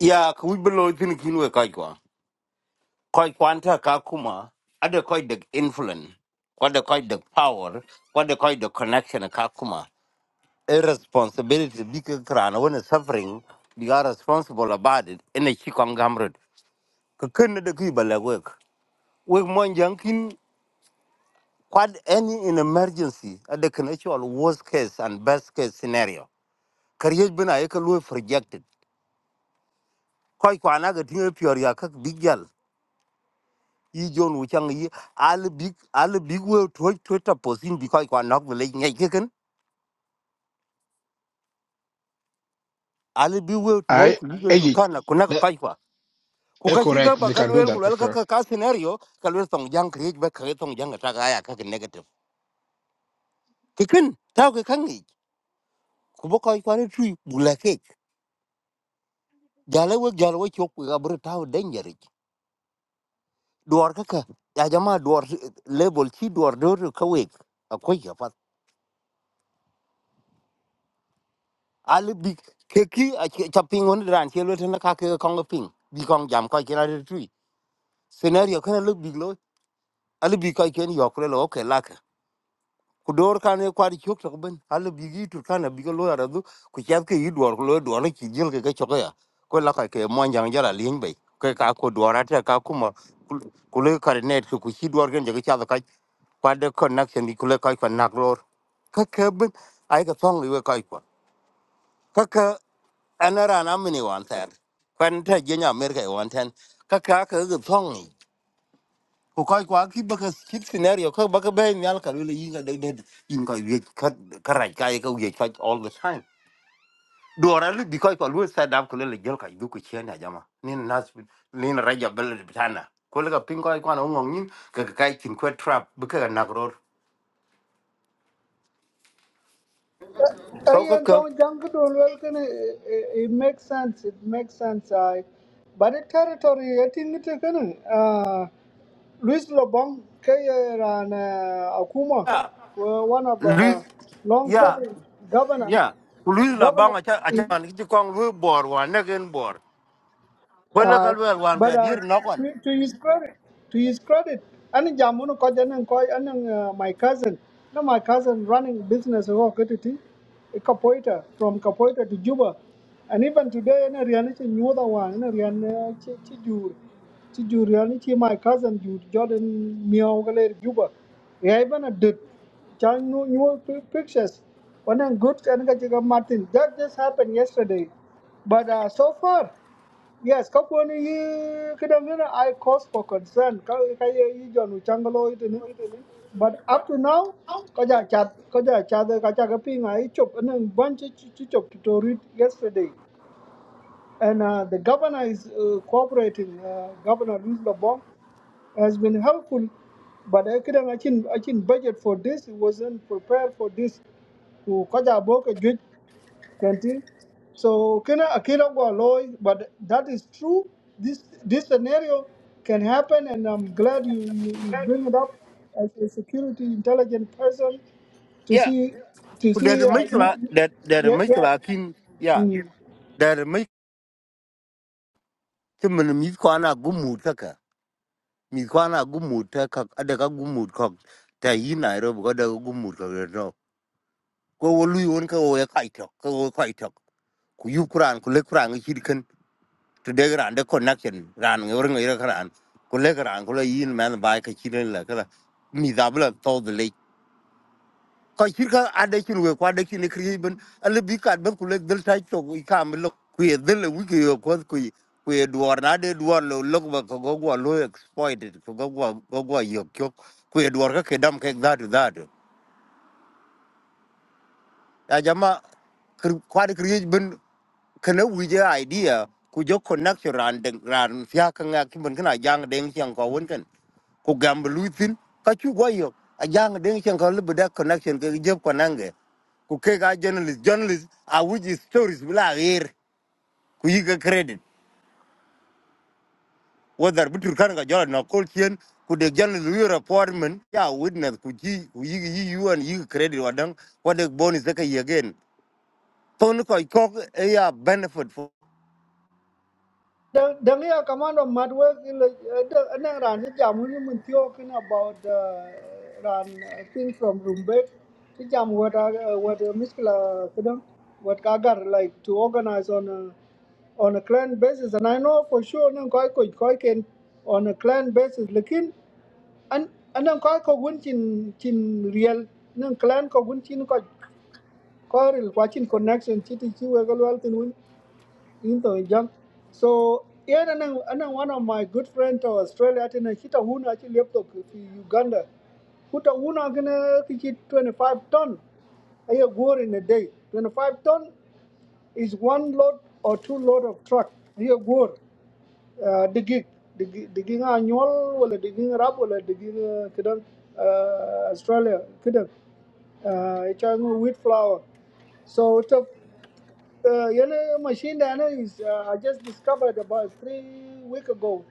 ya ku bi lo tin kinwe kai kwa kai kwanta kakuma ade kai the influence kwa the kai the power kwa the kai the connection kakuma irresponsibility big crana when is suffering we are responsible about it in a chikong gamrod kakun de ki bala work we mon yankin quad any in emergency at the actual worst case and best case scenario career bina yek lu projected koy ko anaga tinga pior ya kak big gal yi jon wu chang All big all big we to to taposin because koy ko anak le ngai keken al big we to
I,
ku ga
eh
turkana kunaka
that
koy ku
eh,
ka shiga
correct
ba
they
ka
can do
luel ku
that for
luel ka
sure
ka ka scenario ka luel tong jang kri ba ka tong jang ta ga ya ka ki negative tikin ta ka kan ni ku bo ka ka ni tu bu la ke jala we jala we chok ga bru ta danger ki duar ka ka ya jama duar level chi duar do ka we akwai ya pat ali bi ke ki a ke ta ping on ran ke luel na ka ke ka ping bi kong jam ka ki na tu scenario ka na lu bi lo ali bi ka ke ni yok le lo ke la ku dor kan e kwari chok tok ben hal bi gi tur kan bi go lo ara du ku chat ke yi dor ku lo dor ki jil ke ke chok ya ko la ka ke mon jang jara lin be ke ka ko dor ata ka ku ma ku le kar net ku ku chi dor gen je ke cha ka kwa de connection di ku le ka ko nak ror ka ke ben ai ka song li we ka ko ka ka anara na mini wan ter kwan ta je nya mer ke wan ten ka ka ke ga song ko koy ko ki ba ka chip scenario ko ba be nyal ka le yin ga de de yin ka ye ka ka ra ka ye ka ye ka all the time do ra lu bi ko ko lu sa dab ko le gel ka du ko chen ya jama ni nas ni ra ja bel bitana ko le ka pin ko ko na ngong yin ka ka kai tin ko trap ba ka na ro so ka
ayan
ka
tong jang to well can it it makes sense, it makes sense. I but the territory I think it can. Louis Lobong, Kayer and uh, Akuma
ya
were one of
lu
the
ya
long-serving governor,
ya lu la ba
governor.
nga cha a cha
in
ni ti kong lu bor wa na gen bor ko le ka
Uh,
lu wan
but
ka
uh,
dir no kon
to, to his credit, to his credit, and jamuno ko janen ko and my cousin, no my cousin running business ko ketiti, Kapoita from Kapoita to Juba, and even today and riani chi nyuda wan and riani chi chi jur chi jur riani chi my cousin jur Jordan miao galer Juba, riai a did chan new new pictures, one and good and ka chiga Martin that just happened yesterday, but uh, so far. Yes, kakwani yi kidangina I cause for concern ka ka ye yi jonu changalo itini. But up to now kaja chat kaja chat kaja ka ping I chop and bunch chi chop to read yesterday. And uh, the governor is uh, cooperating. Uh, governor Louis Lobong has been helpful, but I couldn't I budget for this. It wasn't prepared for this. To kaja boka Kenting. So kena akira go loy, but that is true. This this scenario can happen, and I'm glad you, you, you bring it up as a security intelligent person to
ya
see to
ku de
see. Uh,
mi
you,
kla
you-
de de
yeah,
mi
yeah.
kla kin ya
Mm.
แต่ไม่จะมันมีความน่ากุมมุดสักมีความน่ากุมมุดสักอันเดียวก็กุมมุดของแต่ยีนอะไรเราก็เดี๋ยวก็กุมมุดกันแล้วก็วันลุยวันก็วันก็ไก่เถาะก็ไก่เถาะคุยครั้งคุยเล็กครั้งก็ชิลขึ้นตัวเด็กครั้งเด็กคนนักชนร้านเงินเงินอะไรขนาดกุเล็กครั้งก็เลยยีนแม้จะไปเข้าชีวิตละก็มีจำนวนต่อด้วย ko chirka ade chin we kwa de chin kri ben ale bi kat ben kule dil tai to i kam lo ku ye dil wi ke yo ko ku ku ye duor na de duor lo lo ba ko go go lo exploited ko go go go go yo kyo ku ye duor ka ke dam ke that that ya jama kir- kwad kriye bin kana wije idea ku jo connection ran den ran fya kan ga kin bin kana jang den kyang ko won kan ku gam lutin ka chu goyo a jang den kyang ko libu da connection ke je ko nange ku ke ga journalist journalist a wuji stories bla rir ku yi ga credit whether bitur kan ga jara na kol kien ku de journalist wi report men ya witness ku ji ku yi yi yuan yi ga credit wadan wadak bonus da ka yi again Phone ko ko ya benefit for
The the real command of mad work in the the- and then ran the jam when talking about uh, ran uh, thing from Rumbek. The jam what uh, what uh, Miskla kadam what Kagar like to organize on a on a clan basis, and I know for sure no, koi koi koi can on a clan basis. Lekin and and nang koi ko win chin chin real nang clan ko win chin koi koi watching connection chiti chiwe galwal tin win into jang so yeah and then and then one of my good friends to australia tena kita huna actually laptop to uganda kuta huna gonna kichi 25 ton a year gore in a day 25 ton is one load or two load of truck a year gore uh, the gig the gig the gig annual wala the gig rap wala the gig uh, kidan uh, australia kidan uh, it's a wheat flour so it's a uh, you machine learner is uh, I just discovered about three week ago.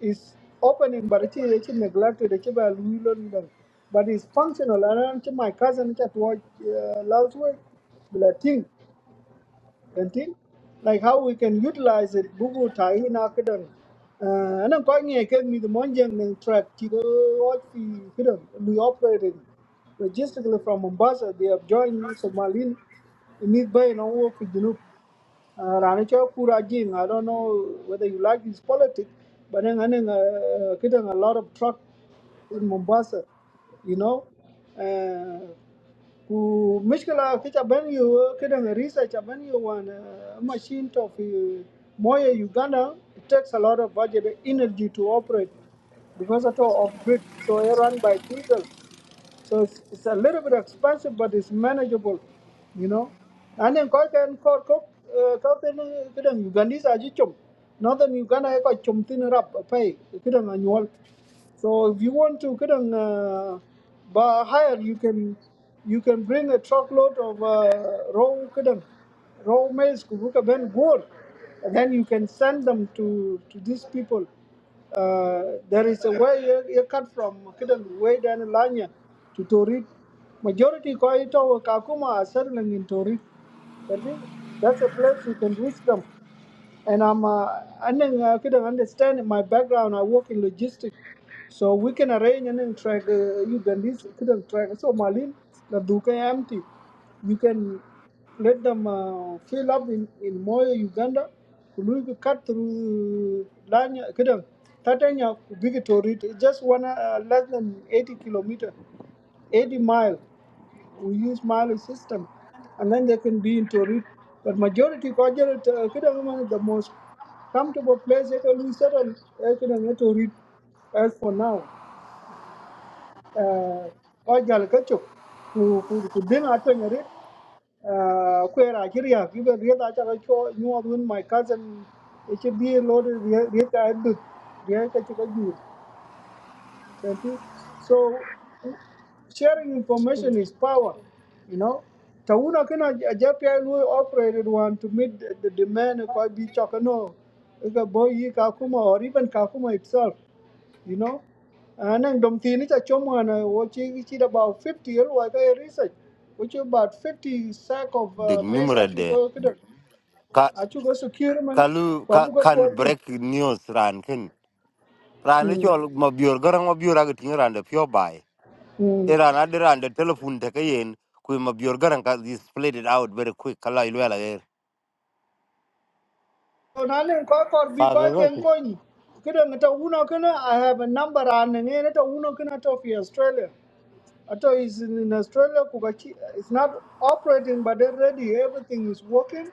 It's opening, but it is actually neglected. It's about million them. but it's functional. And I'm my cousin that watch uh, last week, the thing, the thing, like how we can utilize it. Bugu tai in academic. Uh, and I'm going here, give me the monjang and track. Tigo what we you know we operated logistically from Mombasa. They have joined Somali. Meet by and work with Junub. Uh, Rani Chao Kura Jing, I don't know whether you like his politics, but then I'm uh, getting a lot of truck in Mombasa, you know. Uh, ku mishkala kicha ben yu kidan research ben yu one. uh, machine of fi moya uganda it takes a lot of budget energy to operate because at all of grid so it run by diesel so it's, it's a little bit expensive, but it's manageable, you know. And then koi can koi koi koi can kidang Ugandese aji chum. Northern Uganda koi chum tin rap pay kidang annual. So if you want to kadang uh, ba- hire, you can you can bring a truckload of uh, raw kadang raw maize kubuka ben gold, and then you can send them to to these people. Uh, there is a way you, you cut from kadang way down the line yeah, to Torit. Majority kwaito kakuma are settling in Torit. That is- That's a place you can reach them. And I'm uh, I did I couldn't understand in my background. I work in logistics so we can arrange and then track uh, Ugandese, couldn't track. So Malin, the Duka empty. You can let them uh, fill up in, in Moyo, Uganda. Kulu you cut through uh, Lanya, couldn't. Tatanya, big to it. Just one, uh, less than 80 kilometer, 80 mile we use Mali system, and then they can be into it. But majority Kajal, uh, Kidang is the most comfortable place they can we settle uh, Kidang into it as for now. Uh, Kajal Kachuk, who could bring at when it, where Nigeria, given real Achacho, you are my cousin, it should be loaded real Adut, real Kachukaju. That is. So sharing information is power, you know. Tauna kina JPI Lui operated one to meet the the demand of Koibi Chakano, Ika Boyi Kakuma, or even Kakuma itself, you know. And then Domtini Chachomwana, watching it about 50 year like I research, which is about 50 sack of
the
uh, maize,
number de
Achugo,
ka
Achugo securement,
kalu ka
Kwabuka
can
14.
break news ran kin ran ni
Mm.
chol mabior garang mabior ag tin ran de pure buy e
mm.
ran ad ran de telephone te kayen ku mabior garang ka you split it out very quick kala ilwa la er
nan en ko kor bi
fa
ko
ga ga
ken
ki.
ko kidan ta uno kana i have a number an ne ta uno kana to fi australia ato is in in australia kuka it's not operating but they're ready everything is working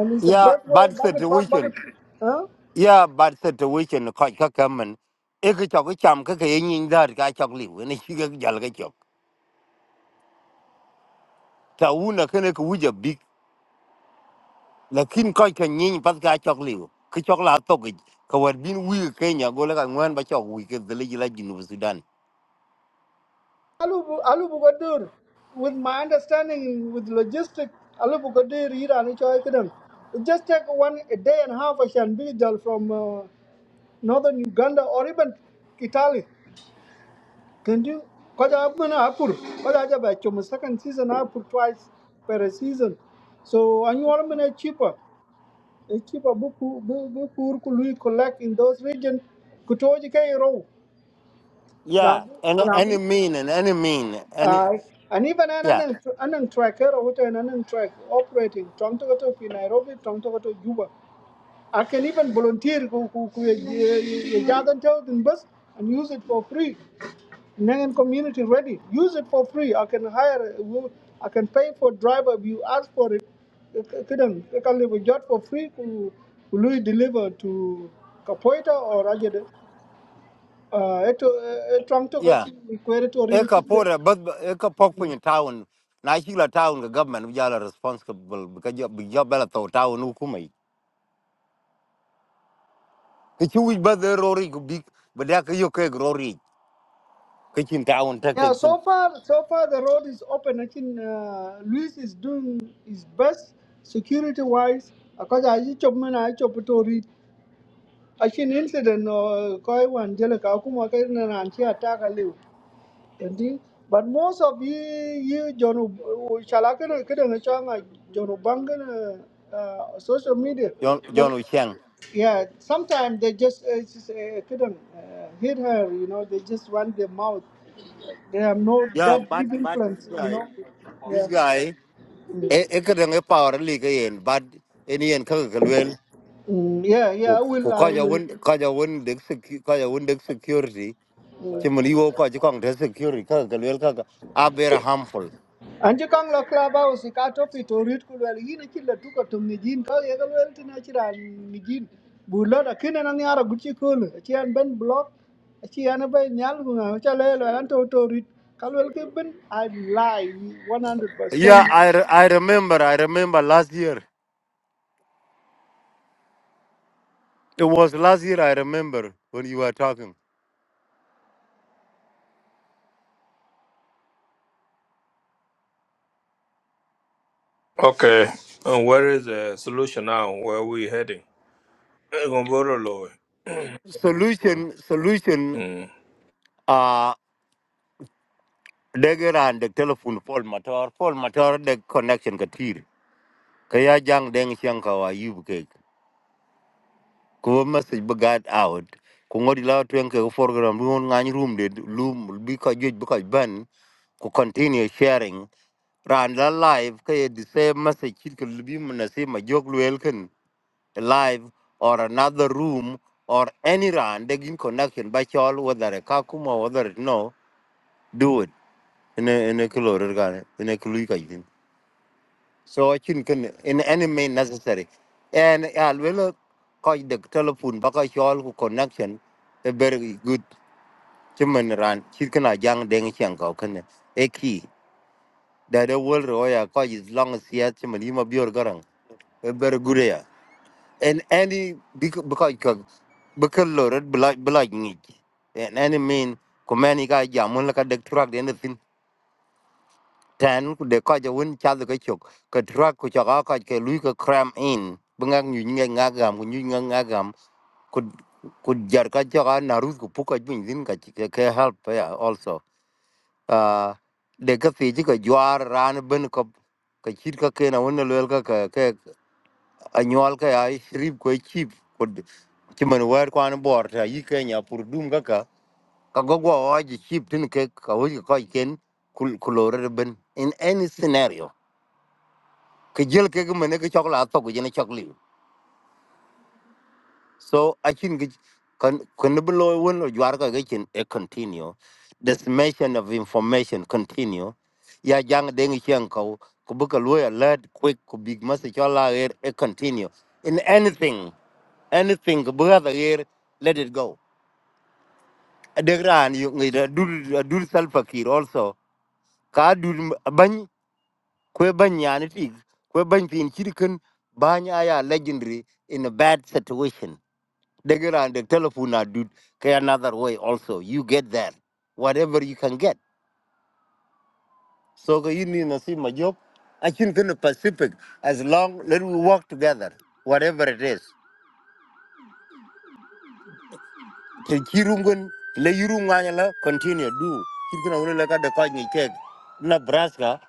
and it's a
ya
birthway
bad
back truck back
situation
huh
ya bad situation ko ka kamen e ka chok e cham ka ke yin dar ka chok liwe ni chi ga jal ga chok ta una kene ku ja lakin koy ka nyiny pat ka chok liu ki chok la to ki ka war bin wi kenya go la ka ngwan ba chok wi ke dele la ginu sudan
alu bu- alu bu gadur with my understanding with logistic alu bu gadur ira ni choy kidan it just take one a day and a half i can be there from uh, northern uganda or even kitali Can you? Because I'm gonna apur. Because I have actually my second season I apur twice per season. So annual mana cheaper. A cheaper book book poor could we collect in those regions. Kutoji kay row. Ram
yeah and
ram.
any mean and any mean any
Aye. And even
yeah
an an tracker or what an an track operating. Tom to go to Nairobi, Tom to go to Juba. I can even volunteer who who who gather in bus and use it for free. Nangan community ready. Use it for free. I can hire, I can pay for driver if you ask for it. Kidan, I can leave a job for free. Who will deliver to Kapoita or Rajade? Uh, eto eh, eh, trong to
yeah
kachin
e
really
ka pora but e ka pok pin town na shi la town ga government wi la responsible ka jo bi jo bela to town ku mai ki chi wi ba de rori ku bi ba da ka yo ke rori ki chin town ta ke
Yeah,
kin
so far, so far the road is open. I think uh, Luis is doing his best security wise. Akaja aji chop mana aji chop to read. Achin incident or koi one jeleka akuma kai na ranchi attack aliu. Indeed. But most of you, you John, shall I can get a chong like John Ubangan uh, uh, social media.
jon
But,
jon u chang
yeah, sometimes they just uh, just uh, couldn't uh, hit her. You know, they just run their mouth. They have no
yeah
that
but
deep
but this
influence. You
guy
know. Yeah.
this guy
Mm.
e e ka dang e power li ka yen bad en yen ka ka lwel
Mm, yeah,
ku
yeah. I will.
ku ka
I
ja
will.
won ka ja won de ka ja won de security ti
Mm.
mun yo ka ji kong de security ka ka lwel ka ka a very harmful
Anji kang lo clubhouse e ka topi to rit kulwel yin ki tuko tum ka ye galwel tin achira ni jin bu lo da kine na ni ara guchi kul chi an ben block chi an be nyal ku na cha le lo an to to rit kalwel ki ben i lie
yeah
100%
i re- i remember i remember last year it was last year i remember when you were talking
Okay, and where is the solution now? Where are we heading? Eh, Gomboro Lowe.
solution solution
Mm.
uh degera and the telephone pole motor pole motor the connection ka tir ka ya jang deng siang ka wa yub ku message be got out ku ngodi la twen ke program lu ngany room de lu bi ko juj bi ko ban ku continue sharing ran la live ke the same message kit ke bi na se ma jog lu elken live or another room or any ran de in connection Ba chol whether ka kuma whether no do it in a in a color in a clue so I can can in any mean necessary. And I will call the telephone because all who connection a very good human run. She can a young dang chang can a key that the world royal call is long as yet human you may be garang a very good air. And any because because because Lord blood blood need and any mean command guy jamun like a truck anything. tan ku de ko je won cha de ke chok ka tra ku cha ka ka ke lu ka cram in bunga nyu nge nga gam ku nyu nge nga gam ku ku jar ka cha ka na ru ku pu ka bin din ka chi ke ke help ya also uh de ka fi ji ka jwar ran ben ko ka chit ka ke na won le ka ka ke anyol ka ai rib ko chip ku ci man wer kwan bor ta yi ke nya pur dum ka ka ka go go ji chip tin ke ka wo ko ken kul kulore ben in any scenario ke jel ke ke mene ke chok la to ke jene chok liu so i think ke kan kan bu lo won lo jwar ka ke chen e continue dissemination of information continue ya jang deng chen ko ko bu ka lo alert quick ko big message la er e continue in anything anything ko bu ga er let it go adegran yu ngi da dur dur sal fakir also ka dur ban ko ban yani ti ko ban pin chirkan banya ya legendary in a bad situation They get on the telephone now, dude. Okay, another way also. You get that. Whatever you can get. So okay, you need to see my job. I think in the Pacific, as long let we work together, whatever it is. The Kirungun, Le Yurunganyala, continue, do. you're going to look at the coin cake. Nebraska,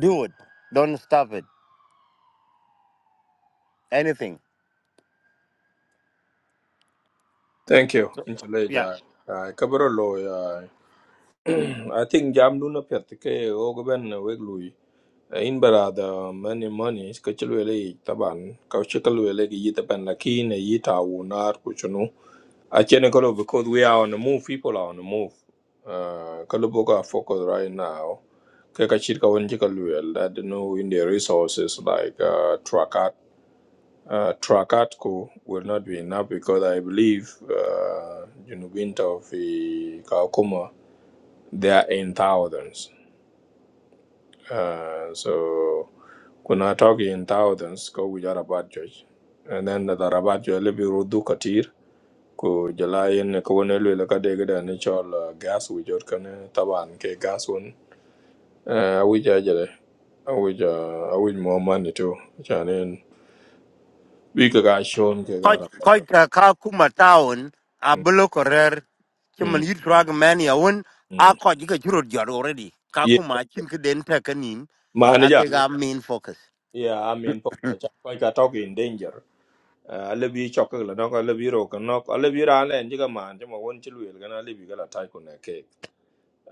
do it. Don't stop it. Anything.
Thank you.
So
Inchele
yeah.
jai. Ai, kaboro Lowe, ai. I think jam duna pet ke ogoben weglui. In barada many money skachelu ele taban kauchikalu ele ki yitapan lakin e yita wunar kuchunu. I Actually, Kolo, because we are on the move, people are on the move. Uh, Kolo focus right now. Kaka Chirka Wanjika Luel, that know in the resources like uh, Trakat. Uh, Trakatko will not be enough because I believe, uh, you know, winter of the Kakuma, they are in thousands. Uh, so, we're not talking in thousands, because we are about judge. And then the Rabat, you will be Rudu Katir. ko jala yen ko wona lwela ka de ga ne chol ah, gas wi jot kan eh, taban ke gas won a wi ja jale a wi ja a wi mo mani to chanen wi ka ga shon ke ga
koc
ra pa
koc
ka.
ka ka kuma town a
Mm,
bolo korer chiman
mm,
yit rag man ya won a
mm.
koc ka churot jor already ka
yeah
kuma chin ke den ta kanin
ma ne
a
ja
ke ga
lwela
main focus
yeah i mean po the cha ko ka talk in danger Uh, a le bi chok ka la no ka le bi ro ka no Alibi ran and Jigaman, Jama won't you will, and Alibi got a le bi ra ne ji ga man ji mo won chi lwela na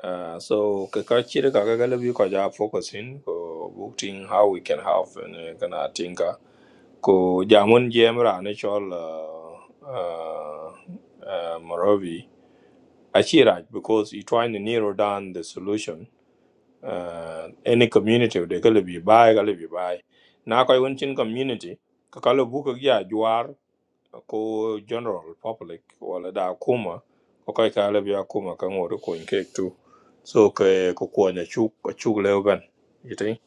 Uh, so ka ka chiri ka ka galabi ko ja focusing ko booking how we can help and kana tinka ko jamun jemra ne chol uh, uh, uh, Moravi Achiraj because he trying to narrow down the solution uh, any community de galabi bai galabi bai na ko yunchin community ka kalo buka gya juar ko general public wala da kuma ko kai ka labi ya kuma kan wori ko in cake too so ke ko ko ne chu ko chu le yiti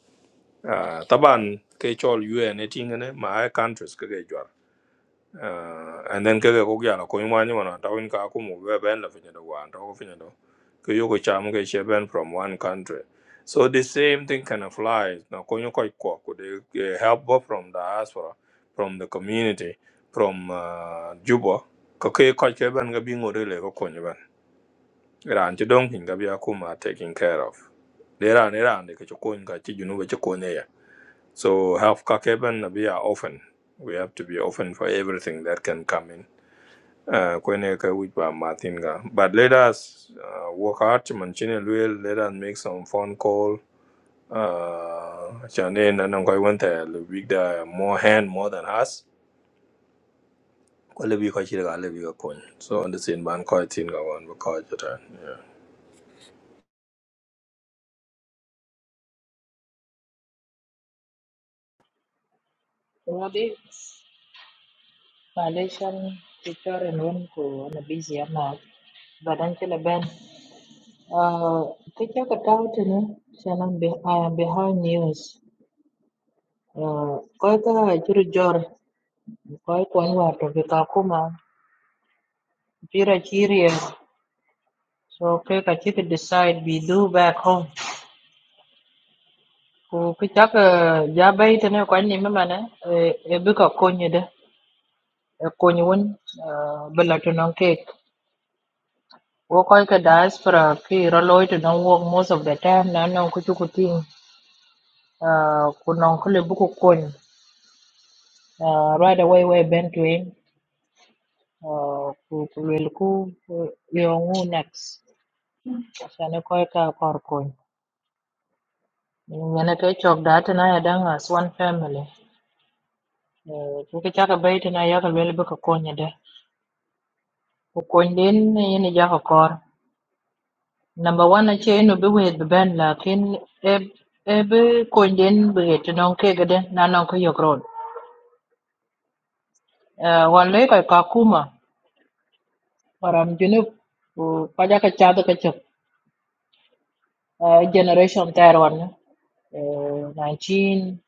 ah taban ke chol un ne tingene ma ai countries ke ge uh, and then kege ko gyalo ko imwa nyo na tawin ka ko mu be ben la finya do wan to ko finya do ko yo ko cham ke che ben from one country so the same thing can apply na ko nyo ko ko ko de eh, help both from diaspora from the community from uh, juba ko ke ko che ben ga bi ngore le ko ko nyo ben ran ti dong hin ga bi akuma taking care of de ran ran de ko ko ga ti junu be ko ne ya so help ka ke ben na bi are often we have to be open for everything that can come in uh, kwene ka wich ba Martin ga. But let us uh, work hard to maintain a will. Let us make some phone call. Uh, Chane na nang koi wente lebih da more hand more than us. Kwa lebih koi chile ga lebih ga kon. So on the same ban koi tin ga wan ba koi jatan.
what is Malaysian Twitter and one cool? Not busy, am I? Badan, just a band. Ah, which actor got it? Nah, channel B H B H News. Ah, what ah, Jurjur. Koi kwan war to be kakuma pira chiria so ke ka chi decide we do back home ku ki chak eh, ja bai tene kwan ni mema ne eh, e bi ka konyi de e konyi won eh, bila to non cake wo koi ka diaspora ki ro loy to non work most of the time na non ku chu ku ting eh, ku non ku le Eh, right away we ben to him eh, ku ku lel ku eh, yo ngu next sane koi ka Mene ke chok da tena ya dang as one family. Kuki chaka bai tena ya ka lwele bika konya da. Ku kony den ja ka kor. Number one ache inu bi wet bi ben lakin e e bi kony den bi het nong ke gede na nong ka yok road. Eh, ka ka kuma waram junub ku kaja ka chadu ka chok. Eh, Generation ter wan Eh, 19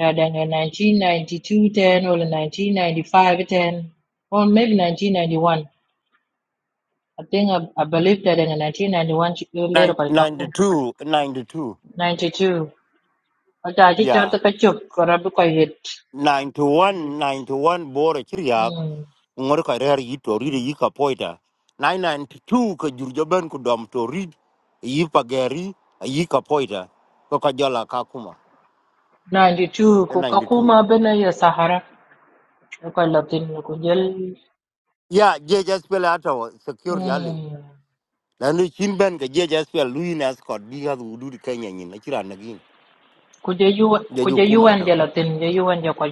ya dang eh, 1992 10 or 1995 10 or maybe 1991 I think I, I believe that in 1991 she grew later
Nine-
by Kakun.
92 92
92. Aja ji cha
yeah
ta kachuk karabu kwa hit.
91 91 bore a chiriag
Hmm.
ngor ka rer yit to ride yika poita 992 ka jurjo ben ku dom to rid yipa geri yika poita ko ka jola ka kuma
92 ku
92
kakuma bena ya Sahara. Kwa Latin kujel.
yeah je just pele ato security aliu
Hmm.
lanu chin ben ka je jas pel lui nas kod bi ga du du kenya nyin na chira na gin
Kuje yuan
je ju
kuje
kuma
yuan
to
ya Latin ya yuan ya kwa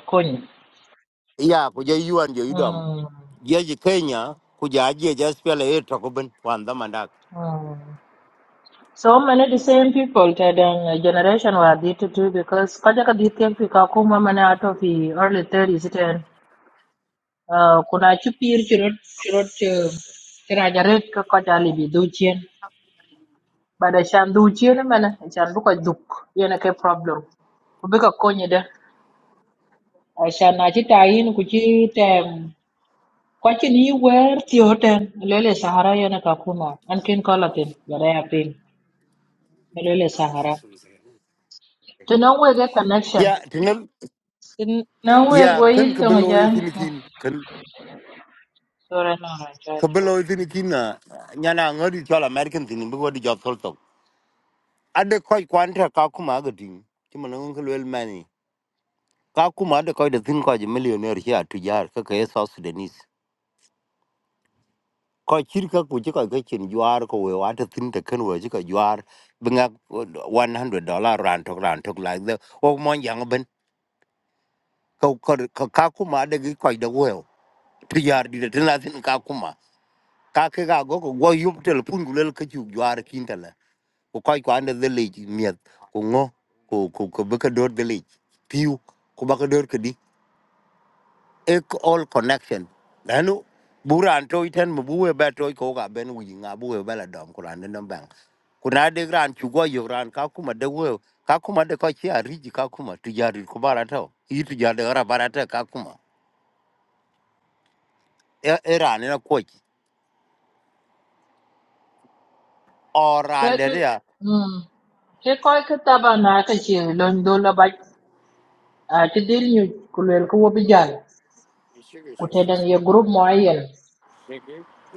ya ku je yuan je idam
Hmm.
je je kenya ku ja je jas pel e to ko ben wan da mandak
Hmm. So many the same people that uh, generation were addicted to because kaja ka dithia ki kakuma mana ato fi early 30s then. Uh, kuna chupir pir ci rot ci rot eh, ci raja red ko ko jali bi du bada chan du mana? mena chan bu ko duk yene ke problem ku bi ko konye de Eh, chan na ci tayin ku ci tem ko ci ni wer ti hoten lele sahara yene ka kuma an kin ko latin bada ya pin lele sahara to non we get connection
ya tinel
to non we
ya
go
kan
yit
ka
to
belo
ja
e tin kin kan
sorry no
ka
no
belo e tin kin na nyana ngodi chola american tin bi godi job tol to ade koy kwanta ka kuma ga tin ti manan ko lel mani ka kuma ade koy da tin ko je millionaire ya tujar ka ka e south sudanese ko chirka ku chika ke chin juar ko we wa ta tin ta kan we chika juar binga 100 dollar ran tok ran tok like the o mon yang ben ko ko ko ka kuma de gi ko de we ti yar di de na tin ka kuma ka ke ga go ko go yup tel pun gulel ke ju juar kin ta la ko ko ko ande de le miet ko ngo ko ko ko be ka dor de le piu ko ba ka dor ek all connection lanu buran to iten mu buwe ba to ko ga ben wi nga buwe ba la dom kuran ne nam bang kuna de gran chu go yo ran ka kuma de we ka kuma de ko chi ari ji ka kuma tu jari ku bara to i tu jari ra bara ta ka kuma e e ran na ko chi o
Ke
ran
ke
de ya
mm ke koy ke taba na ke ci lon do la baj a ci dir ñu ku lel ko wobi jall ku te dang ye group mo ayen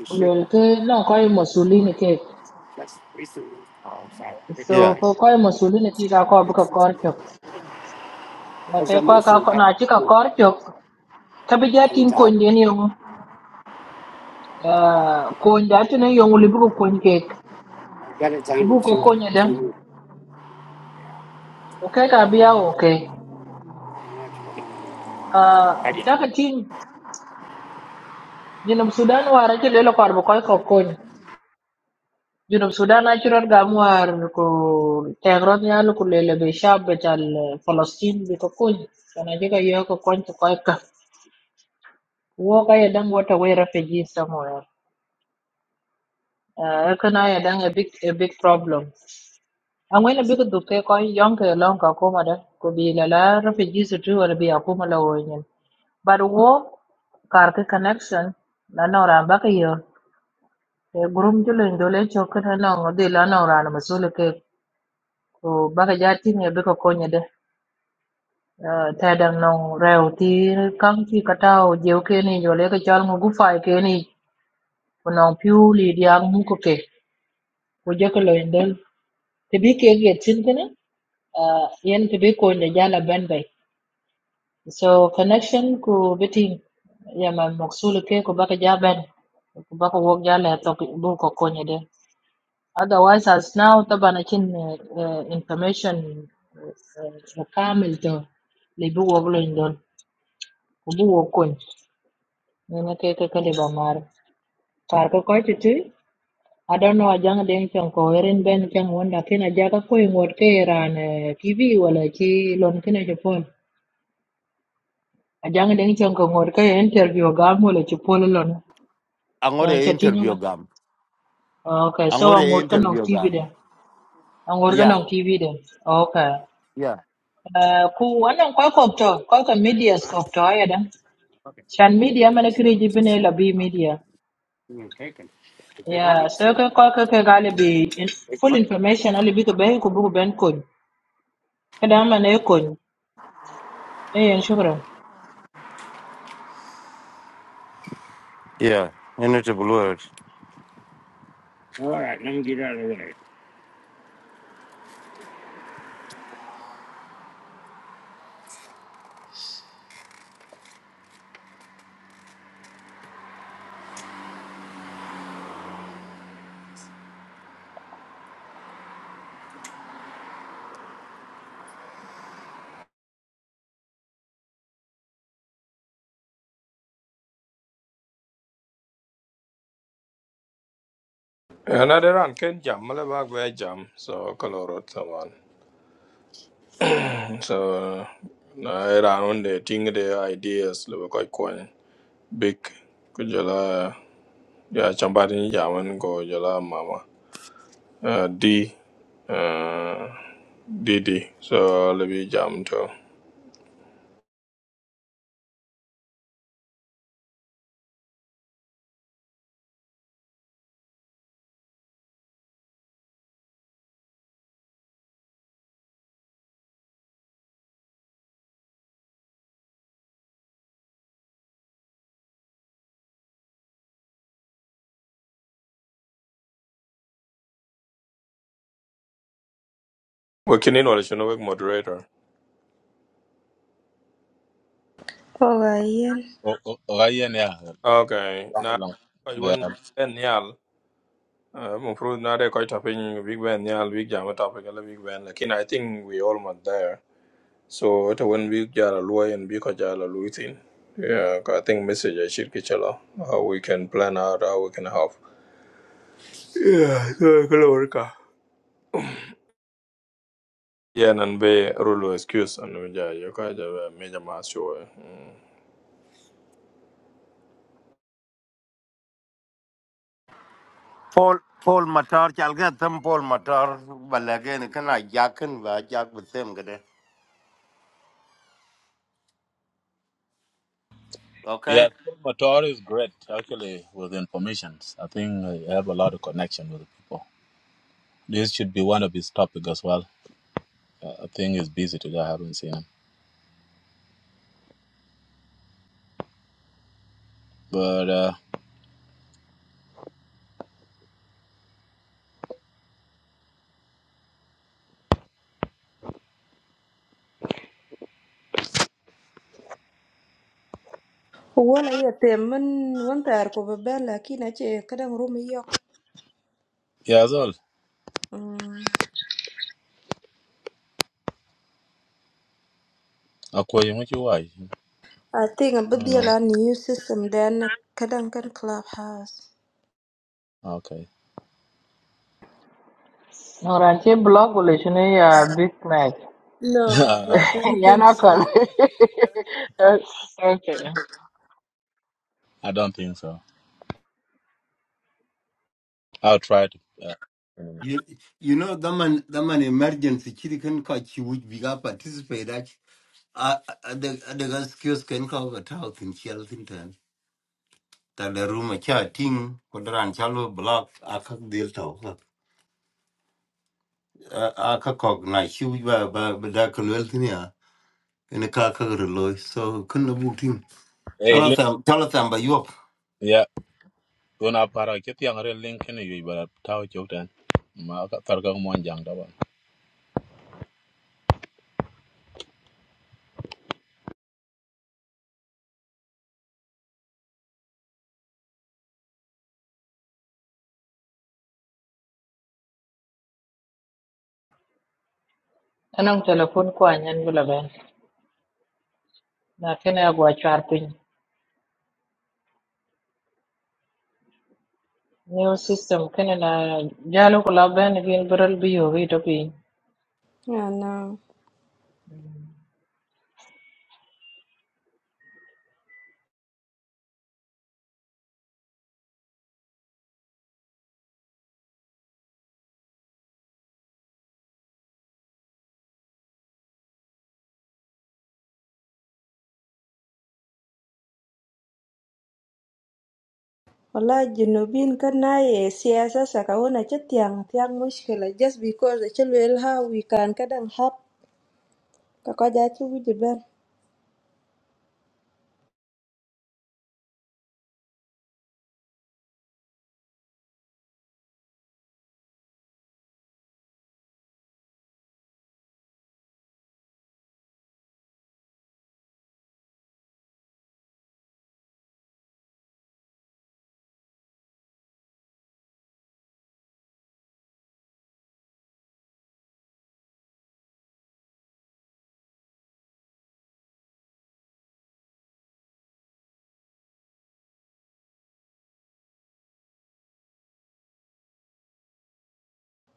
ku lel ke non koy masulini ke so
yeah
ko koy masulini ci ka ko bu ka kor chok ba te koy ka ko na ci ka kor chok ka bi jatin ko nden yo ah ko ndati na yo li bu ko kon ke ko bu ko konya da ko ke ka biya o ke ah ta ka tin jinum sudan wara ci lelo ko ar bu koy ko kon جنوب السودان natural gamwar ko tegron yal ku lele be shab tal Palestine be ko kun kana jiga yo ko kon ko dan wata way refugee somewhere uh, kana ya dan a big a big problem an wani big duke ko yonke lon ka ko da ko bi la la refugees tu wala bi akuma la but wo kar connection na nora baka yo e gurum julen dole chokana no de la nora na masule ke ko baka jati ne be konye Ờ, ta đang nong rèo thì căng thì cả tao diều kia này rồi lấy cái chal ngu gu phải kia này còn nong piu lì điang mu ko ke ko je ko loin del te bi ke ge tin kana yen te bi ko ne jala ben bay so connection ku bitin ya ma maksul ke ko baka ja ben ko baka wok jala to bu ko ko ne de otherwise as now taban akin information uh, uh, kamil to le bu wok loin don ko bu wok Nene ke ke kali ba mar. Par ko ko ti ti. I don't know ajang deng chong ko erin ben chang won da ken aja ka ko ngot ke ran eh, TV wala ki lon ken je pol. Ajang deng chong ko ngot ke interview ga mo le ti pol lon. Ya
angore
cha ti ngam.
interview gam
Okay, so
angore
ngot ka nong
interview
TV
gam
de. Ngot ka
yeah
nong TV de. Okay.
yeah
Eh, ku wannan kwai kwabta kwai ka media kwabta ya da shan media mana kiri jibine labi media Yeah, so ke ko ke ke gale bi in, full information ali bi ke be ku bu ben ko. Ke da ma ne ko. E yen shukran.
yeah ene te bulu
Yeah. Another run ken jam male bag jam. So kalorot someone. So I ran on the thing, the ideas lebih koi kon big. Kujala ya chambari jaman ko jala mama. uh, D uh, DD. So let me jump to. We can in order to moderator.
Oga yen.
Oh, oh, ga yeah. ya
Okay, now
Problem.
I want
Yeah.
Ben Yal. I'm afraid now they're quite tapping Big Ben Yal, Big Jam topic, and Big Ben. Like, I think we almost there. So it when Big Jala Lui and Big Jala Lui thing. Yeah, I think message I should get you how we can plan out how we can help. Yeah, so hello, Rika. Yeah, and be rule excuse and we just you guys have a major mass show. eh? Mm.
Paul Paul Matar chalga tham Paul Matar balagin kana jakin ba jak butem gade. Okay?
Yeah, Paul Motor is great actually with informations. I think I have a lot of connection with the people. This should be one of his topic as well. Uh, I think he's busy today. I haven't seen him. But uh,
Wala iya temen wanta arko bebel lakin ache kadang rumi yo.
yeah, that's all.
Mm.
Akoya, what you why?
I think a bit
Oh no.
deal a new system then kadang kan clubhouse.
Okay.
No ran che blog le shine ya big mac.
no i don't
ya
think
na ko.
so
okay.
I don't think so. I'll try to. Uh, mm.
You, you know, that man, that man emergency chiri kan ka chi which biga participate at a a the the gas skills can cover talk in Cheltenham. Tan Ta the room a cha ting kodran chalo block a ka deal to. A ka kog na chi which ba ba ba da kulwel tin ya. In a ka ka relo so kun na bu ting.
hey,
Chala
look.
sam chala sam ba
Yeah. Una para kiti ang real link ni yui bara tao chok tan. Ma ka tar ka mon
Anong telephone ko anyan bula ben. Na kene agwa char pin. New system kene na jalo ko la ben gin beral bi yo wi to
Yeah, no. Wala jinubin kan na ye siyasa saka wona che tiang tiang mushkila just because the chilwell how we can kadang hap kaka jachi wiji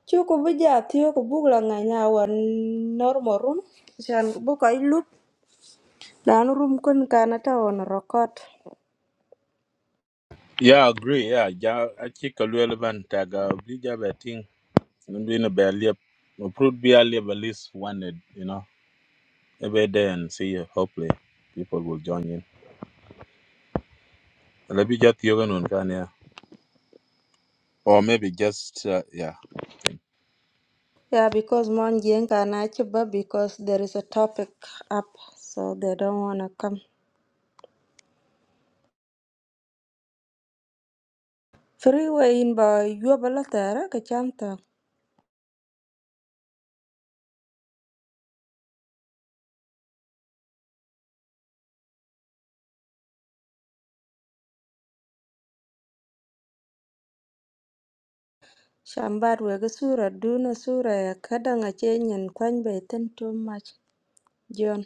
Chu Cuk kubijatio kubugulanganya wanoromorum shan kubuka ilup lano room kun kana ta on record
Yeah, I agree. Yeah, ja achika luel ban taga blija betting. Ndu ina be aliep. Uprut be aliep at least one you know, every day and see you. Hopefully people will join in. Lebi ja tiyoga nun kan ya. Or maybe just, uh, yeah.
yeah because mon jeng kana chiba because there is a topic up so they don't wanna come Freeway in ba yobala tara ka chanta shambar we ga sura duna sura ya kadanga chenyen kwany be ten too much John.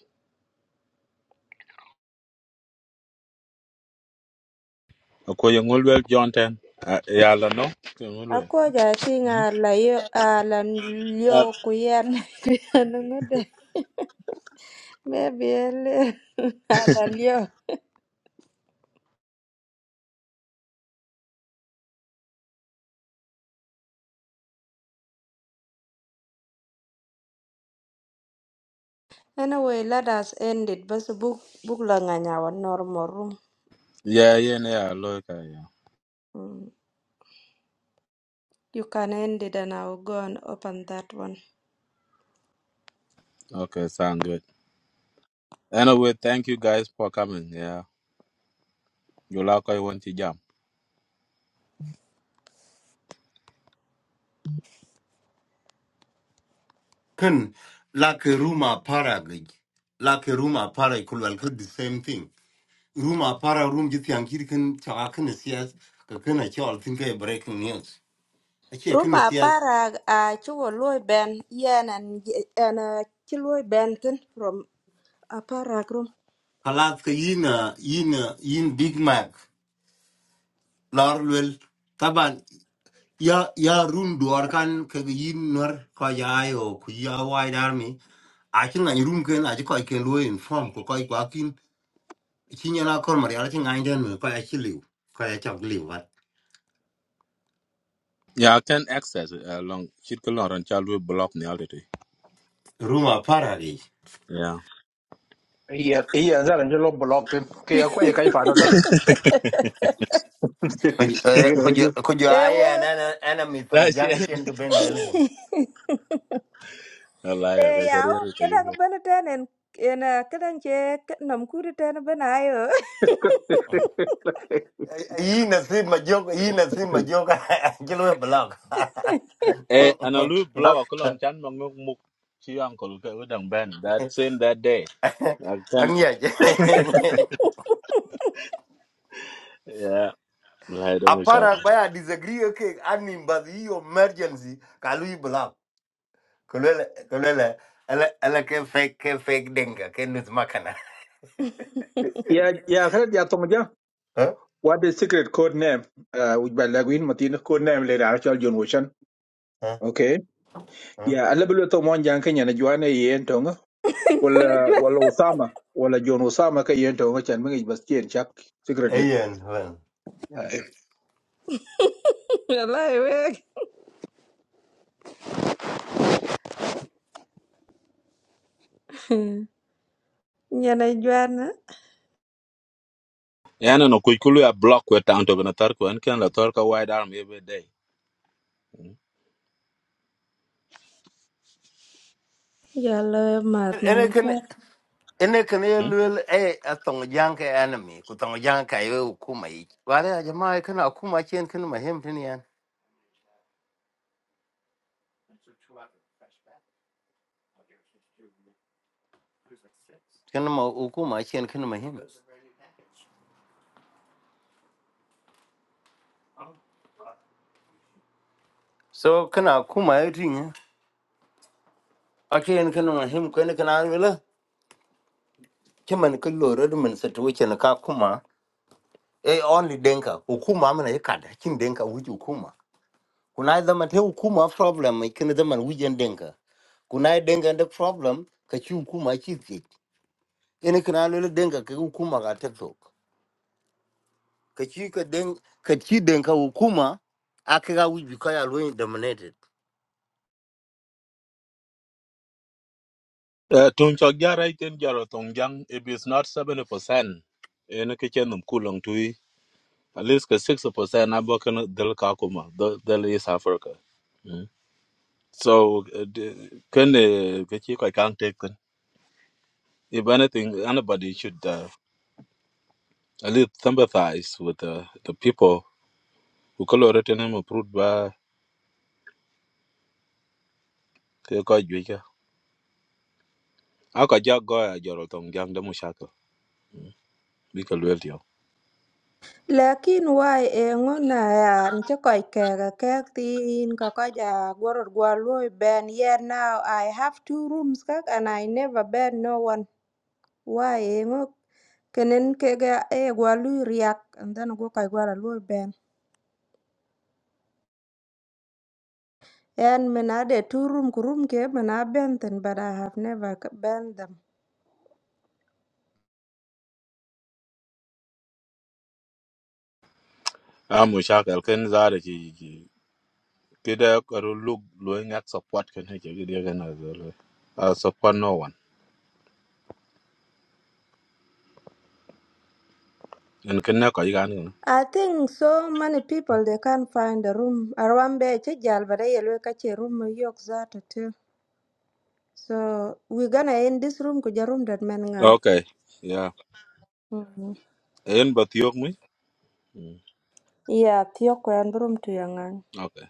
Ako yung ulwel John ten. Uh, yeah, la no? Yung ulwel.
Akwonja I think
Mhm.
la yo a la lyo
Uh,
kuyan ngode. Maybe a little a la lyo. Anyway, let us end it. But book book lang our normal room.
Yeah, yeah, yeah, look, uh, yeah.
Mm. You can end it and I'll go and open that one.
Okay, sound good. Anyway, thank you guys for coming. Yeah. you like I want to jam.
kan like ruma para gaj like ruma para kulwal ka the same thing ruma para room jiti an kir kan chawa kan siyas ka kan a chawa tin ka e breaking news a che kan
Room a
siyas
para a chuo loy ben yen and and a chuo ben tin from a para room.
kalat ka yina yina yin a yin big mac Larwell. taban ya ya room duar kan ka ga yin nor ka ya yo ku ya wide army a kin an room kan a ji ko ken lo inform ko ko ko kin kin yana kor mari a kin ngai den ko a chi liu ko ya chak liu
Yeah, I can access it along. Chit kalon ran child will block the altitude.
Ruma parari.
Iya, iya, zara nje lo block pin. Ke ya kwa ye kai fa na zara.
kujo
Eh, wo.
aya ana ana
la
mithong
shen
janga chen ko ben lelgen
la ya ke
Eh, ya
karier
o
ke
kadang
ke
bene ten en en eh, kadang che k- nom kuri ten bene ayo
yi nasib ma jok yi nasib ma jok jelo blog
eh ana lu blog ko lon chan ma ngok muk chi uncle ke udang ben that same that day i can
anya je
yeah la do mo sha
apara
ke
baya disagree okay ani mbadi yi emergency kalu yi blog kulele kulele ala ala ke fake ke fake denga ke nus makana
Iya, iya, kare ya to What the secret code name? Uh, which by Laguin Martin code name later actual John Ocean.
Huh huh
Okay.
huh.
Yeah, a little bit of one young Kenya and Joanna Yen Tonga. Well,
nyana
uh,
jwa
well, Osama. Well, John Osama Kayen Tonga Chan Ming was chain chuck secretly.
ayen well
la we nyana jwa na
eh ana no kuy kulu ya blog ko ta anto bena tar ko an kan la tar ka wide arm every day Hmm?
ya la mat man ka
ene kene l
Hmm?
u l e a tong jang ke enemy ku tong jang ka ye hukuma yi wale a jama kana hukuma chen kana mahim tin yan kana ma hukuma chen kana mahim so kana hukuma ye tin ya a chen kana mahim kana kana wala c h m a n ka loro de man satu chen ka kuma e only denka hukuma mana ye kada kin denka wuji hukuma kuna da mate hukuma problem mai kana da man wujen denka kuna denka da problem ka ci hukuma ci fit ene kana l u l denka ka hukuma ka tekso ka ci ka den ka ci den ka hukuma aka ga wuji ka ya dominated
Eh, tun chok jara iten jaro tong jang if it's not 70% en ke chen num kulong tui at least ke 60% abo kan del ka kuma del del is africa Hmm? So, uh, the- can uh, get you quite can't take it. If anything, anybody should uh, at least sympathize with uh, the people who collaborated and approved by the Kajwika. I could just go a Jorot on Gang the Mushaka, because well, you
lakin wai e ngona ya nche koi kega kek tin ka ka ja goror gwa loy ben yeah now i have two rooms kak and i never ben no one why e ngo kenen kega e gwa lu riak and then go kai gwa loy And me na de two room kurum ke me na bend them, but I have never c- bent them.
I'm Mushaka, can Zara, Kida, or look, looking at support can hit you, you can as well. I support no one. And can I go?
I think so many people they can't find a room. Arambe chejal but I will catch a room yok zata too. So we're gonna end this room kuja room that men ngang.
Okay, yeah.
Mm-hmm.
And but you me? Mm,
Yeah, thiok room to yang ngang.
Okay.